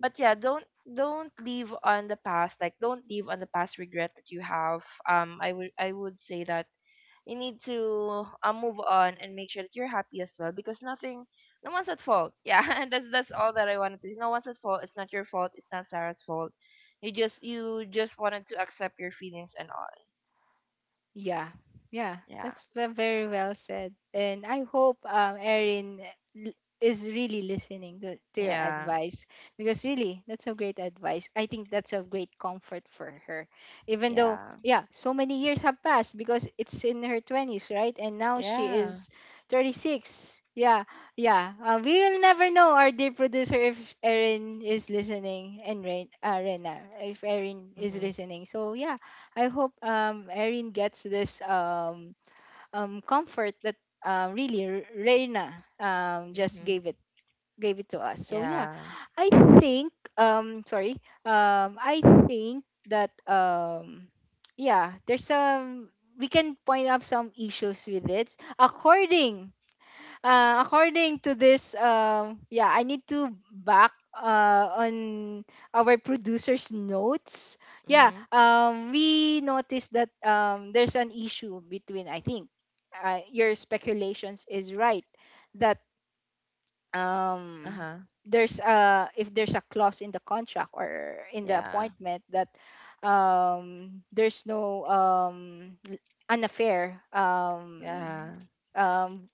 B: But yeah, don't don't live on the past, like don't live on the past regret that you have. Um, i would I would say that you need to, uh, move on and make sure that you're happy as well, because nothing, no one's at fault, yeah. And that's that's all that I wanted to say. No one's at fault, it's not your fault, it's not Sarah's fault. You just you just wanted to accept your feelings and all.
A: Yeah, yeah,
B: Yeah.
A: that's ve- very well said. And I hope, um, Erin, l- is really listening to, to your
B: Yeah.
A: advice, because really, that's a great advice. I think that's a great comfort for her, even though
B: Yeah.
A: yeah, so many years have passed because it's in her twenties, right? And now she
B: Yeah.
A: is thirty six. Yeah, yeah. Uh, we will never know, our dear producer, if Erin is listening and Ren- uh, Rena, if Erin is
B: Mhm.
A: listening. So yeah. I hope um Erin gets this um um comfort that um really R- Reina um just
B: Mhm.
A: gave it gave it to us. So yeah,
B: Yeah.
A: I think um sorry, um I think that um yeah, there's some, we can point out some issues with it according, uh, according to this, um, yeah, I need to back uh, on our producer's notes. Yeah,
B: Mhm.
A: um, we noticed that um, there's an issue between, I think, uh, your speculations is right that um,
B: Uh-huh.
A: there's a, if there's a clause in the contract or in the
B: Yeah.
A: appointment that um, there's no um, l- an affair,
B: Yeah.
A: um, um,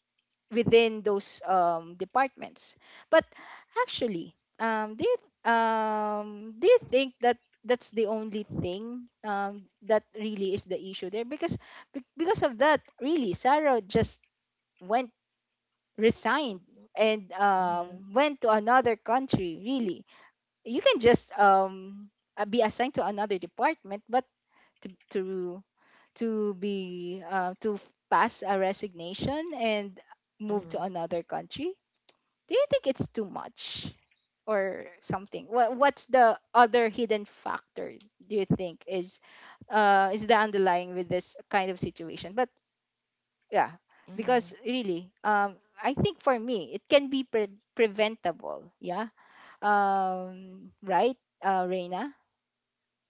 A: within those um, departments. But actually, um, do you th- um, do you think that that's the only thing um, that really is the issue there? Because be- because of that, really, Sarah just went resigned and
B: Mhm.
A: um, went to another country. Really, you can just um, uh, be assigned to another department, but to to to be uh, to f- pass a resignation and move to
B: Mhm.
A: another country. Do you think it's too much or something? What what's the other hidden factor do you think is uh is the underlying with this kind of situation? But yeah, because
B: Mhm.
A: really, um I think for me it can be pre- preventable. Yeah. Um right, uh Reina?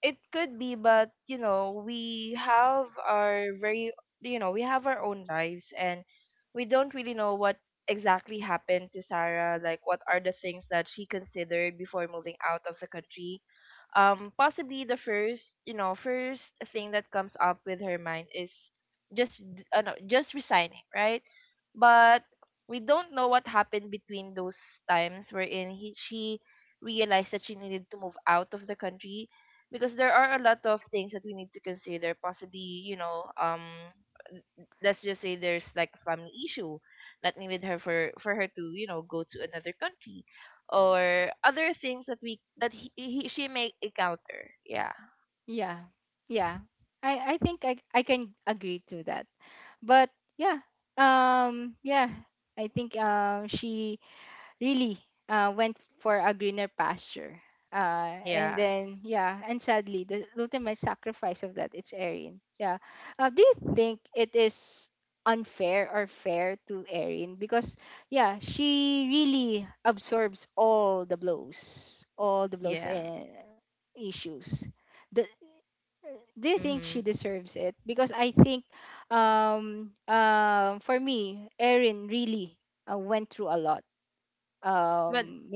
B: It could be, but you know, we have our very, you know, we have our own lives, and we don't really know what exactly happened to Sarah. Like, what are the things that she considered before moving out of the country? Um, possibly the first you know first thing that comes up with her mind is just d- uh, no, just resigning, right? But we don't know what happened between those times wherein he, she realized that she needed to move out of the country, because there are a lot of things that we need to consider. Possibly, you know, um, let's just say there's like a family issue that needed her, for for her to, you know, go to another country, or other things that we that he, he she may encounter. Yeah.
A: Yeah. Yeah. I I think I I can agree to that. But yeah, um yeah, I think um she really uh, went for a greener pasture. Uh, and
B: Yeah.
A: then yeah, and sadly, the ultimate sacrifice of that it's Erin. Yeah. Uh, do you think it is unfair or fair to Erin? Because yeah, she really absorbs all the blows, all the blows
B: Yeah.
A: and issues. The, do you think she
B: Mhm.
A: deserves it? Because I think, um, uh, for me, Erin really uh, went through a lot.
B: But
A: um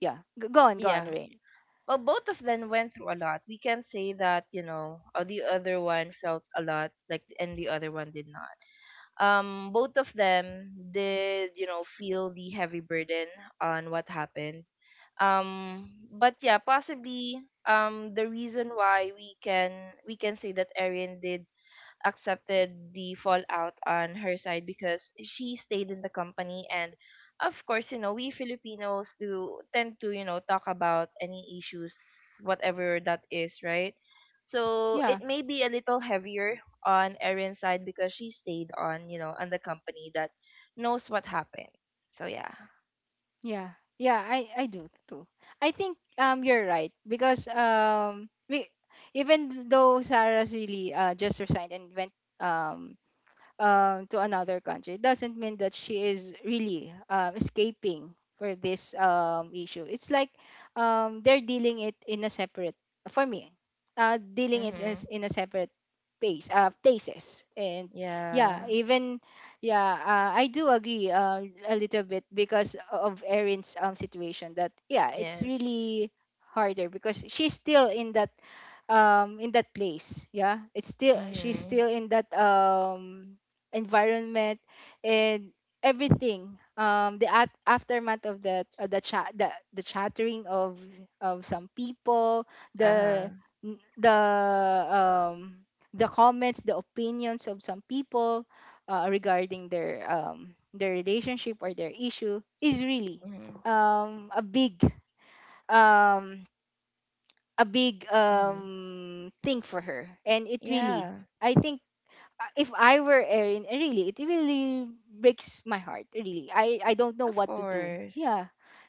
A: yeah, G- go on, go on,
B: yeah,
A: rain
B: well, both of them went through a lot. We can't say that, you know, uh, the other one felt a lot, like, and the other one did not. Um, both of them did, you know, feel the heavy burden on what happened. Um, but yeah, possibly, um, the reason why we can we can say that Erin did accepted the fallout on her side, because she stayed in the company. And of course, you know, we Filipinos do tend to, you know, talk about any issues, whatever that is, right? So
A: yeah
B: it may be a little heavier on Erin's side, because she stayed on, you know, on the company that knows what happened. So yeah.
A: Yeah, yeah, I I do too. I think um you're right because um we, even though Sarah's really uh just resigned and went um um, to another country. It doesn't mean that she is really um, escaping for this um, issue. It's like um, they're dealing it in a separate, for me, uh, dealing it as
B: Mhm.
A: in a separate pace, uh, places. And yeah,
B: Yeah.
A: even, yeah, uh, I do agree uh, a little bit because of Erin's um, situation that, yeah, it's
B: Yes.
A: really harder because she's still in that um in that place. Yeah, it's still, she's
B: Mhm.
A: still in that um environment and everything, um the at- aftermath of that, uh, the chat the, the chattering of of some people, the
B: Uh-huh.
A: n- the um the comments, the opinions of some people, uh, regarding their um their relationship or their issue is really
B: Mhm.
A: um a big um a big
B: Mhm.
A: um thing for her and it really.
B: Yeah.
A: I think, uh, if I were Erin, uh, really, it really breaks my heart, really. I i don't know
B: Of
A: what to do. Yeah,
B: course.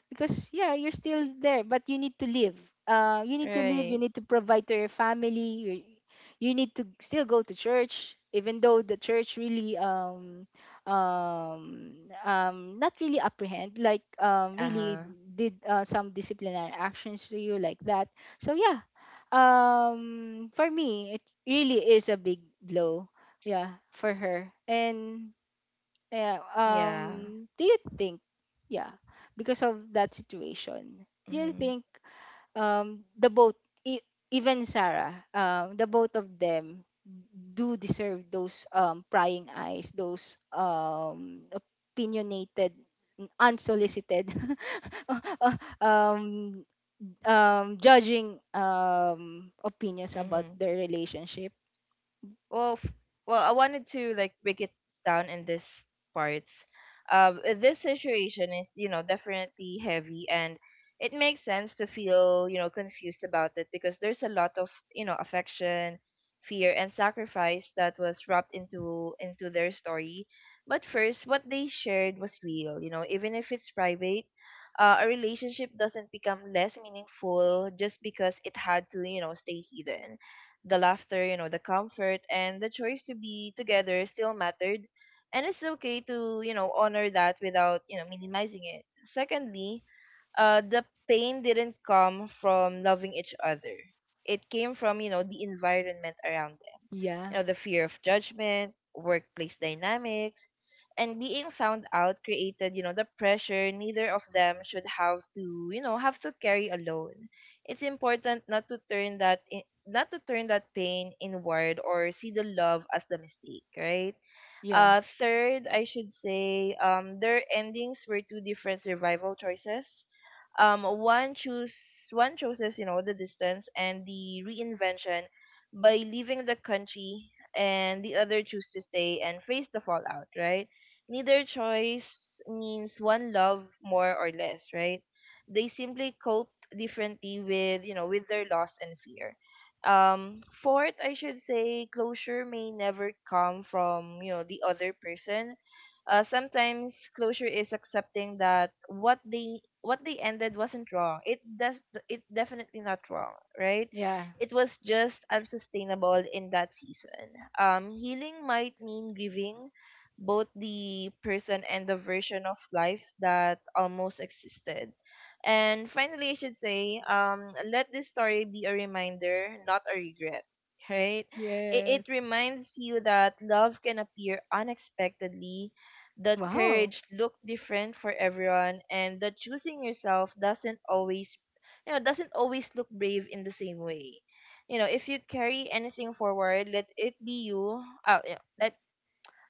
A: because yeah, you're still there, but you need to live, uh you need to live, you
B: Right.
A: need to provide to your family, you, you need to still go to church even though the church really um um um not really apprehend, like, um really
B: Uh-huh.
A: did, uh, some disciplinary actions to you like that. So yeah, um for me it really is a big blow, yeah, for her. And yeah,
B: Yeah.
A: um do you think, yeah, because of that situation, do you
B: Mhm.
A: think um the both, e- even Sarah, um the both of them do deserve those um prying eyes, those um opinionated, unsolicited um um judging um opinions about
B: Mhm.
A: their relationship?
B: Well, f- well, I wanted to like break it down in this parts. Um, uh, this situation is, you know, definitely heavy, and it makes sense to feel, you know, confused about it, because there's a lot of, you know, affection, fear, and sacrifice that was wrapped into into their story. But first, what they shared was real, you know, even if it's private. Uh, a relationship doesn't become less meaningful just because it had to, you know, stay hidden. The laughter, you know, the comfort and the choice to be together still mattered. And it's okay to, you know, honor that without, you know, minimizing it. Secondly, uh, the pain didn't come from loving each other. It came from, you know, the environment around them. You
A: Yeah.
B: know, the fear of judgment, workplace dynamics, and being found out created, you know, the pressure neither of them should have to, you know, have to carry alone. It's important not to turn that in, not to turn that pain inward, or see the love as the mistake, right?
A: Yeah.
B: Uh, third, I should say, um, their endings were two different survival choices. Um, one choose one chooses, you know, the distance and the reinvention by leaving the country, and the other choose to stay and face the fallout, right? Neither choice means one love more or less, right? They simply cope differently with, you know, with their loss and fear. Um, fourth, I should say, closure may never come from, you know, the other person. Uh, sometimes closure is accepting that what they what they ended wasn't wrong. It does, it definitely not wrong, right?
A: Yeah.
B: It was just unsustainable in that season. Um, healing might mean grieving both the person and the version of life that almost existed. And finally, I should say, um, let this story be a reminder, not a regret, right? It, it
A: Yes.
B: reminds you that love can appear unexpectedly, the
A: Wow.
B: courage look different for everyone, and the choosing yourself doesn't always, you know doesn't always look brave in the same way. You know if you carry anything forward, let it be you. Uh, yeah, let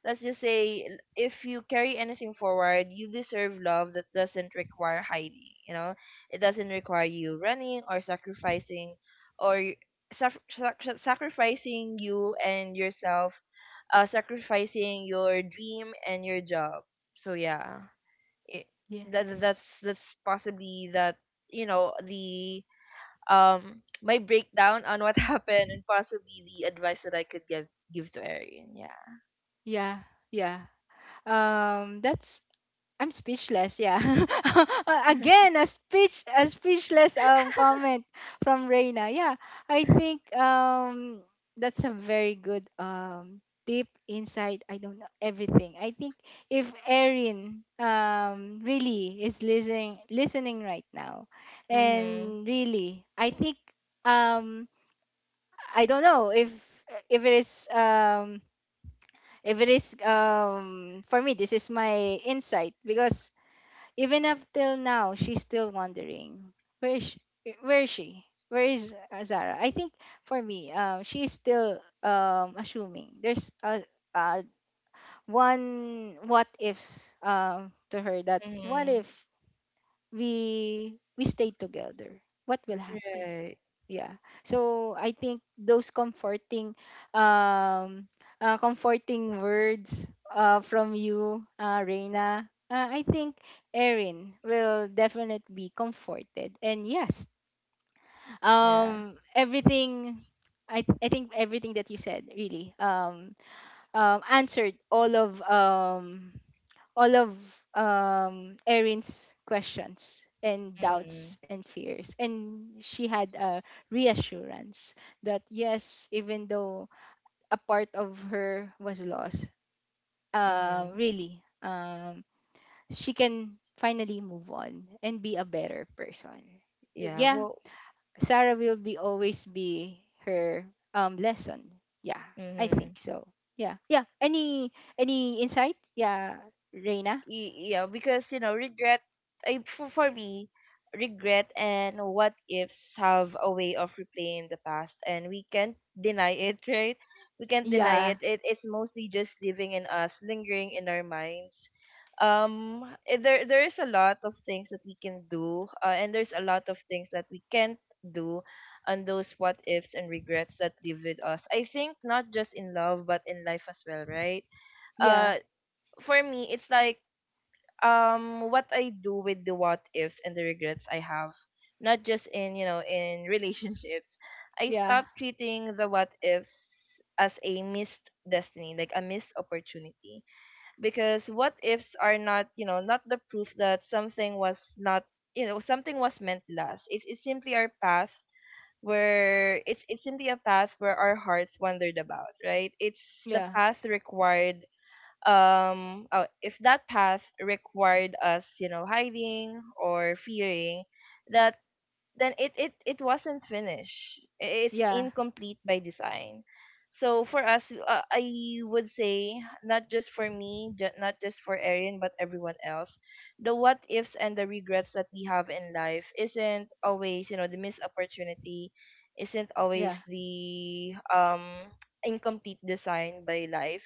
B: let's just say l- If you carry anything forward, you deserve love that doesn't require hiding you know It doesn't require you running or sacrificing or sac- sac- sacrificing you and yourself, uh, sacrificing your dream and your job. So yeah, it,
A: Yeah.
B: that that's that's possibly that. You know the um my breakdown on what happened, and possibly the advice that I could give give to Arian. Yeah.
A: Yeah. Yeah um That's, I'm speechless. Yeah. Uh, again, a speech, a speechless um comment from Reina. Yeah, I think um that's a very good um tip, insight. I don't know everything. I think if Erin um really is listening listening right now,
B: Mhm.
A: and really, I think, um I don't know if if it is um if it is um for me, this is my insight because even up till now, she's still wondering, where is she? Where is she? Where is uh, Zara? I think for me, um, she's still um assuming. There's a uh one what ifs um to her, that what if
B: Mhm.
A: we we stay together? What will happen?
B: Right.
A: Yeah. So I think those comforting um uh, comforting words uh, from you, uh, Reina, uh, I think Erin will definitely be comforted, and yes,
B: Yeah.
A: um everything. I, I think everything that you said really um, um answered all of um all of um Erin's questions and
B: Mhm.
A: doubts and fears, and she had a reassurance that yes, even though a part of her was lost, uh
B: Mhm.
A: really, um she can finally move on and be a better person.
B: Yeah.
A: Yeah.
B: Well.
A: Sarah will be always be her um lesson. Yeah, I
B: Mhm.
A: think so. Yeah, yeah, any any insight, yeah, Reina?
B: Y- yeah, because you know regret. I, for, for me, regret and what ifs have a way of replaying the past, and we can't deny it. Right, we can't deny
A: Yeah,
B: it. It it's mostly just living in us, lingering in our minds. Um eh, there there is a lot of things that we can do, uh, and there's a lot of things that we can't do, and those what ifs and regrets that live with us, I think not just in love but in life as well, right?
A: yeah.
B: uh for me, it's like, um what I do with the what ifs and the regrets I have, not just in you know in relationships. I
A: Yeah,
B: stop treating the what ifs as a missed destiny, like a missed opportunity, because what ifs are not you know not the proof that something was not you know something was meant last. It's it's simply our path where it's it's simply a path where our hearts wandered about, right? It's the
A: yeah,
B: path required. um oh, if that path required us you know hiding or fearing that, then it it it wasn't finished. It's
A: yeah,
B: incomplete by design. So for us, uh, I would say not just for me, ju- not just for Erin, but everyone else, the what ifs and the regrets that we have in life isn't always you know the missed opportunity, isn't
A: yeah,
B: always the um incomplete design by life.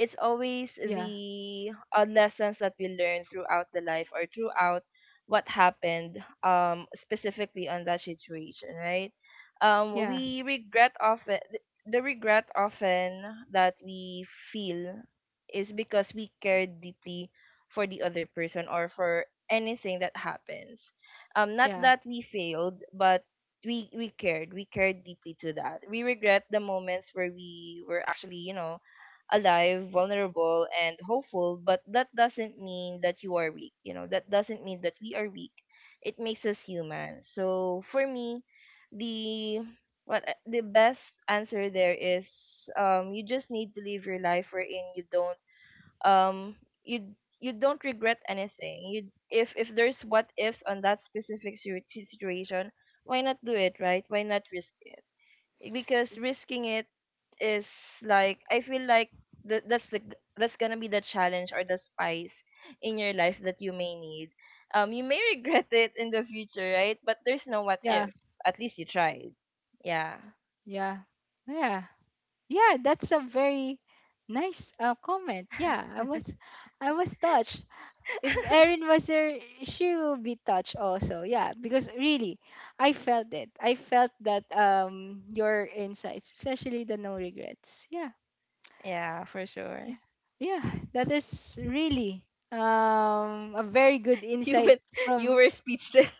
B: It's
A: yeah,
B: always the uh, lessons that we learn throughout the life, or throughout what happened um specifically on that situation, right? Um
A: yeah,
B: we regret often, the regret often that we feel, is because we cared deeply for the other person or for anything that happens. Um not
A: yeah,
B: that we failed, but we we cared, we cared deeply, to that we regret the moments where we were actually you know alive, vulnerable, and hopeful, but that doesn't mean that you are weak. You know, that doesn't mean that we are weak. It makes us human. So for me, the what I- the best answer there is, um you just need to live your life wherein you don't, um you you don't regret anything. You, if if there's what ifs on that specific situ- situation, why not do it, right? Why not risk it? Because risking it is, like, I feel like that that's the g- that's gonna be the challenge or the spice in your life that you may need. Um, you may regret it in the future, right? But there's no what
A: yeah,
B: if. At least you tried. Yeah,
A: yeah, yeah, yeah. That's a very nice uh, comment. Yeah, I was, I was touched. If Erin was there, she will be touched also. Yeah, because really, I felt it. I felt that um your insights, especially the no regrets. Yeah,
B: yeah, for sure.
A: yeah, yeah. That is really um a very good
B: You
A: insight
B: went, you
A: from.
B: were speechless.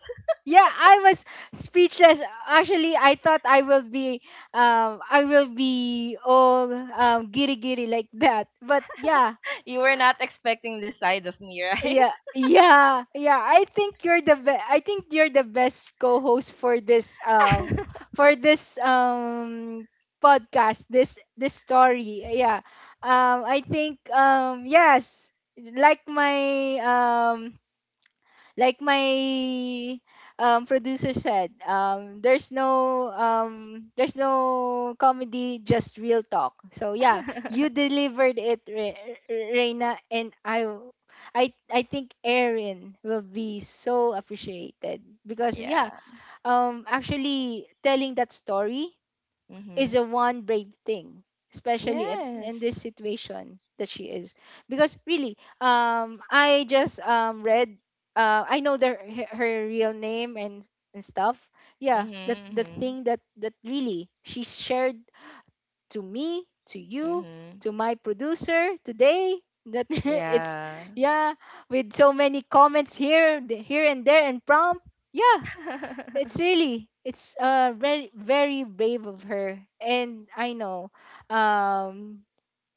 A: Yeah, I was speechless. Actually, I thought I will be, um, I will be all um, giddy, giddy like that. But yeah,
B: You were not expecting this side of me, right?
A: yeah, yeah, yeah. I think you're the best. I think you're the best co-host for this, um, for this um podcast. This this story. Yeah. Um, I think um yes, like my um like my um, producer said, um, there's no um, there's no comedy, just real talk. So yeah, you delivered it, Re- Re- reina, and i i i think Erin will be so appreciated because yeah,
B: Yeah.
A: um actually telling that story is
B: Mhm.
A: a one brave thing, especially at, in this
B: Yes.
A: situation that she is. Because really, um I just um read, uh I know their her her real name and and stuff, yeah,
B: Mhm.
A: the the
B: Mhm.
A: thing that that really she shared to me, to you,
B: Mhm.
A: to my producer today, that it's
B: Yeah.
A: yeah, with so many comments here, the- here and there and prompt. Yeah, it's really, it's uh very, very brave of her, and I know, um,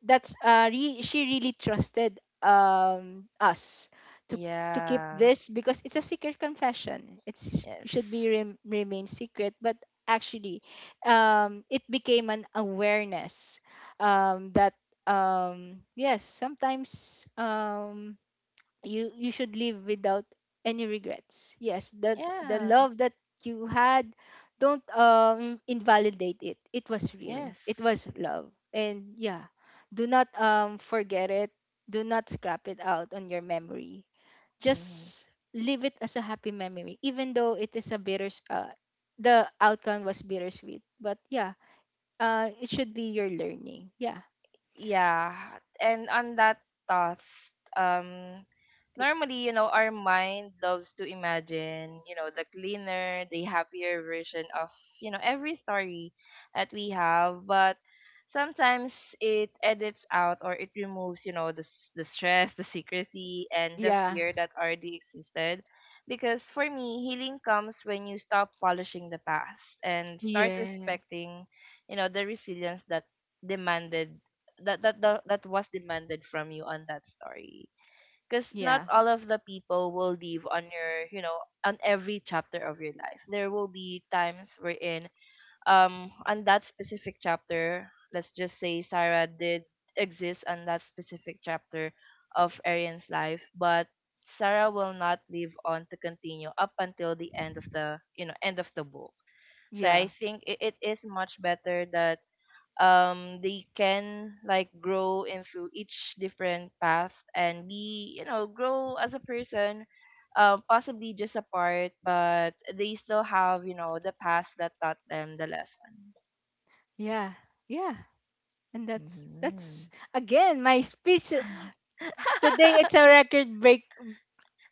A: that's uh re- she really trusted um us to to keep
B: Yeah.
A: this because it's a secret confession. It's,
B: Yes.
A: it should be rem- remain secret, but actually, um, it became an awareness, um, that um yes, sometimes um you, you should live without any regrets. Yes, the the
B: Yeah.
A: love that you had, don't um invalidate it. It was real,
B: Yes.
A: it was love, and yeah, do not um forget it. Do not scrap it out on your memory.
B: Mhm.
A: Just leave it as a happy memory, even though it is a bitter, uh, the outcome was bittersweet. But yeah, uh it should be your learning. Yeah.
B: Yeah, and on that thought, um
A: I-
B: normally you know our mind loves to imagine you know the cleaner, the happier version of you know every story that we have, but sometimes it edits out or it removes you know the, s- the stress, the secrecy, and the
A: yeah,
B: fear that already existed, because for me healing comes when you stop polishing the past and start
A: yeah,
B: respecting you know the resilience that demanded, that that the, that was demanded from you on that story, because not
A: yeah,
B: all of the people will leave on your you know on every chapter of your life. There will be times wherein, um on that specific chapter, let's just say Sarah did exist on that specific chapter of Arian's life, but Sarah will not live on to continue up until the end of the you know end of the book. So
A: yeah,
B: I think it, it is much better that um they can like grow into each different path, and be you know grow as a person, uh, possibly just apart, but they still have you know the past that taught them the lesson.
A: yeah, yeah. And that's
B: Mm-hmm.
A: that's again my speech today. It's a record break,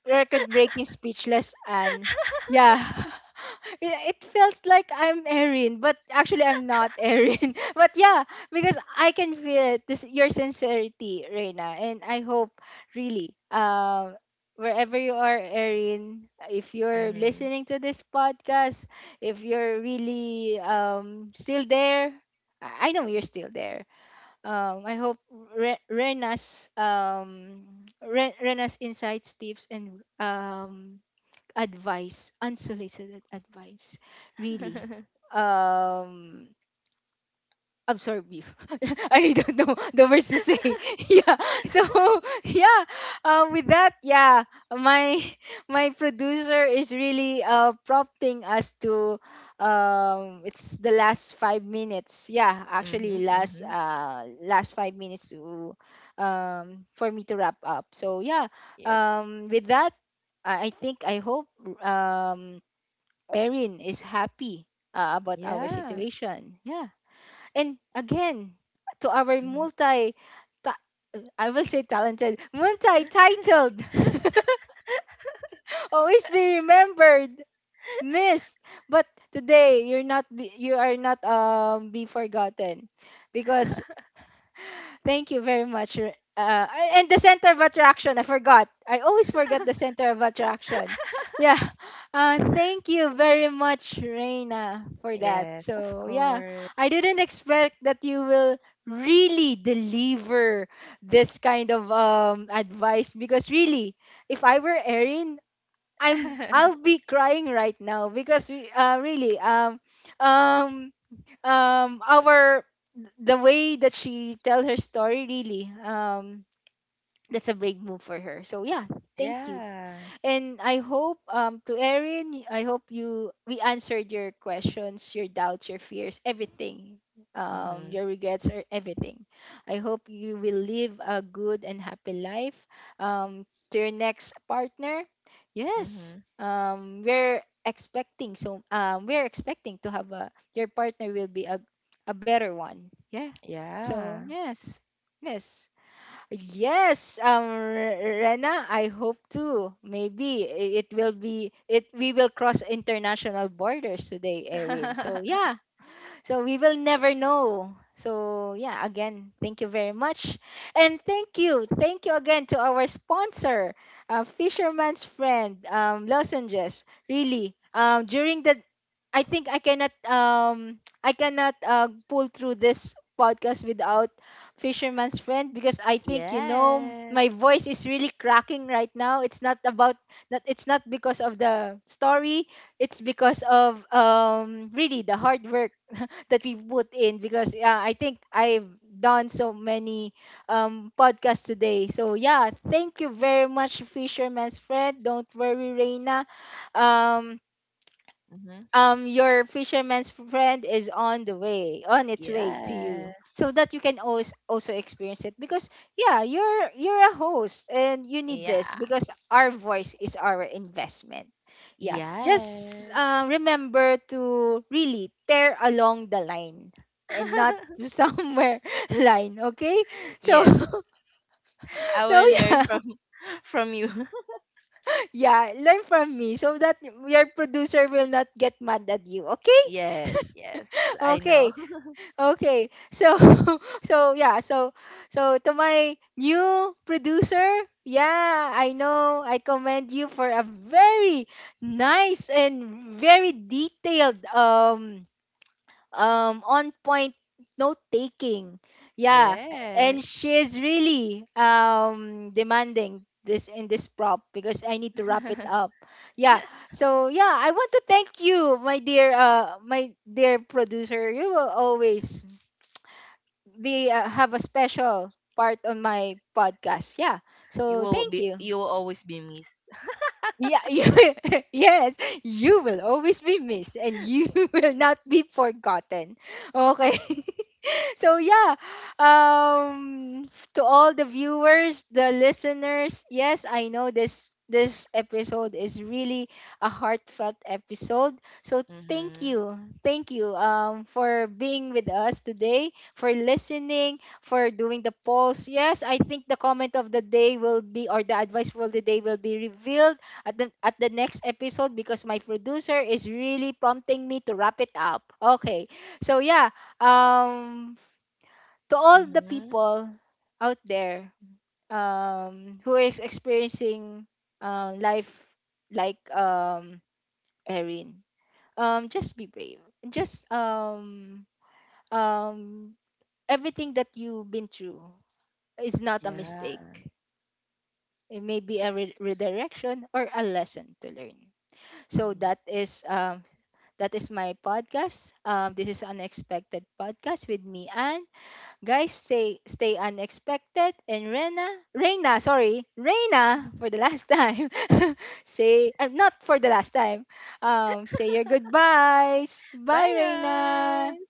A: record breaking speechless, and yeah, it, it feels like I'm Erin, but actually I'm not Erin. But yeah, because I can feel it. This your sincerity, Reina, and I hope really, um, wherever you are, Erin, if you're
B: Mm-hmm.
A: listening to this podcast, if you're really um still there, I I know you're still there, um, I hope Re- Rena's, um, Re- Rena's insights, tips, and um, advice, unsolicited advice, really um, I'm sorry, beef. I really don't know the words to say. Yeah. So yeah. Um, with that, yeah, my my producer is really uh prompting us to um it's the last five minutes. Yeah,
B: Mm-hmm.
A: actually last
B: Mm-hmm.
A: uh last five minutes to um for me to wrap up. So yeah.
B: Yep.
A: Um, with that, I I think I hope um Erin is happy, uh, about our
B: Yeah.
A: situation. Yeah. And again, to our
B: Mm-hmm.
A: multi, ta- I will say talented, multi-titled, always be remembered, missed. But today, you're not, be- you are not um be forgotten, because, thank you very much. Re- Uh, and the center of attraction, I forgot. I always forget the center of attraction. Yeah. Uh, thank you very much, Reina, for that.
B: Yes, of
A: So, yeah,
B: course.
A: I didn't expect that you will really deliver this kind of um, advice because really, if I were Erin, I'm I'll be crying right now because uh, really um um um our, the way that she tell her story really um that's a brave move for her. So yeah, thank you.
B: Yeah.
A: And I hope, um to Erin, y- I hope you, we answered your questions, your doubts, your fears, everything. Um,
B: Mm-hmm.
A: your regrets or everything. I hope you will live a good and happy life. Um, to your next partner. Yes.
B: Mm-hmm.
A: Um, we're expecting, so um we're expecting to have a your partner will be a a better one. Yeah. So
B: Yeah.
A: yes. Yes. Yes, um, R- Rena, I hope too. Maybe i- it will be it. We will cross international borders today, Erin. So yeah, so we will never know. So yeah, again, thank you very much. And thank you. Thank you again to our sponsor, uh, Fisherman's Friend, um, Lozenges. Really, um, during the, I think I cannot, um, I cannot uh, pull through this podcast without Fisherman's Friend because I think, you know,
B: Yes.
A: my voice is really cracking right now. It's not about, not, it's not because of the story. It's because of, um, really the hard work that we put in because yeah, I think I've done so many um, podcasts today. So yeah, thank you very much, Fisherman's Friend. Don't worry, Reina. Um,
B: Mm-hmm.
A: um your Fisherman's Friend is on the way, on its way to
B: Yes.
A: you so that you can also also experience it because yeah, you're you're a host and you need this
B: Yeah.
A: because our voice is our investment. Yeah, just
B: Yes.
A: uh, remember to really tear along the line and not to somewhere line, okay? So
B: Yes. I
A: so
B: will learn
A: yeah,
B: from from you.
A: yeah, learn from me so that your producer will not get mad at you, okay?
B: Yes, yes. I know.
A: Okay. Okay. So so yeah, so, so to my new producer, yeah, I know I commend you for a very nice and very detailed um um on point note taking. Yeah,
B: Yes.
A: and she is really um demanding this in this prop because I need to wrap it up. Yeah. So yeah, I want to thank you, my dear uh my dear producer. You will always, they uh, have a special part on my podcast. Yeah.
B: You
A: So
B: will
A: thank
B: be
A: you.
B: you will always be missed.
A: Yeah, you, yes, you will always be missed and you will not be forgotten. Okay. So yeah, um to all the viewers, the listeners, yes, I know this this episode is really a heartfelt episode, so thank
B: Mm-hmm.
A: you, thank you um for being with us today, for listening, for doing the polls. Yes, I think the comment of the day will be, or the advice for the day will be revealed at the, at the next episode because my producer is really prompting me to wrap it up, okay? So yeah, um to all the
B: Mm-hmm.
A: people out there, um, who is experiencing um, life like um, Erin, um, just be brave. Just um, um, everything that you've been through is not a
B: Yeah.
A: mistake. It may be a
B: Yes.
A: re- redirection or a lesson to learn. So
B: Mm-hmm.
A: that is um, that is my podcast. Um, this is Unexpected Podcast with me, Anne. Guys, say, stay unexpected. And Rena, Reina, sorry, Reina for the last time. Say, uh, not for the last time. Um, say your goodbyes.
B: Bye,
A: Bye, Reina.
B: guys.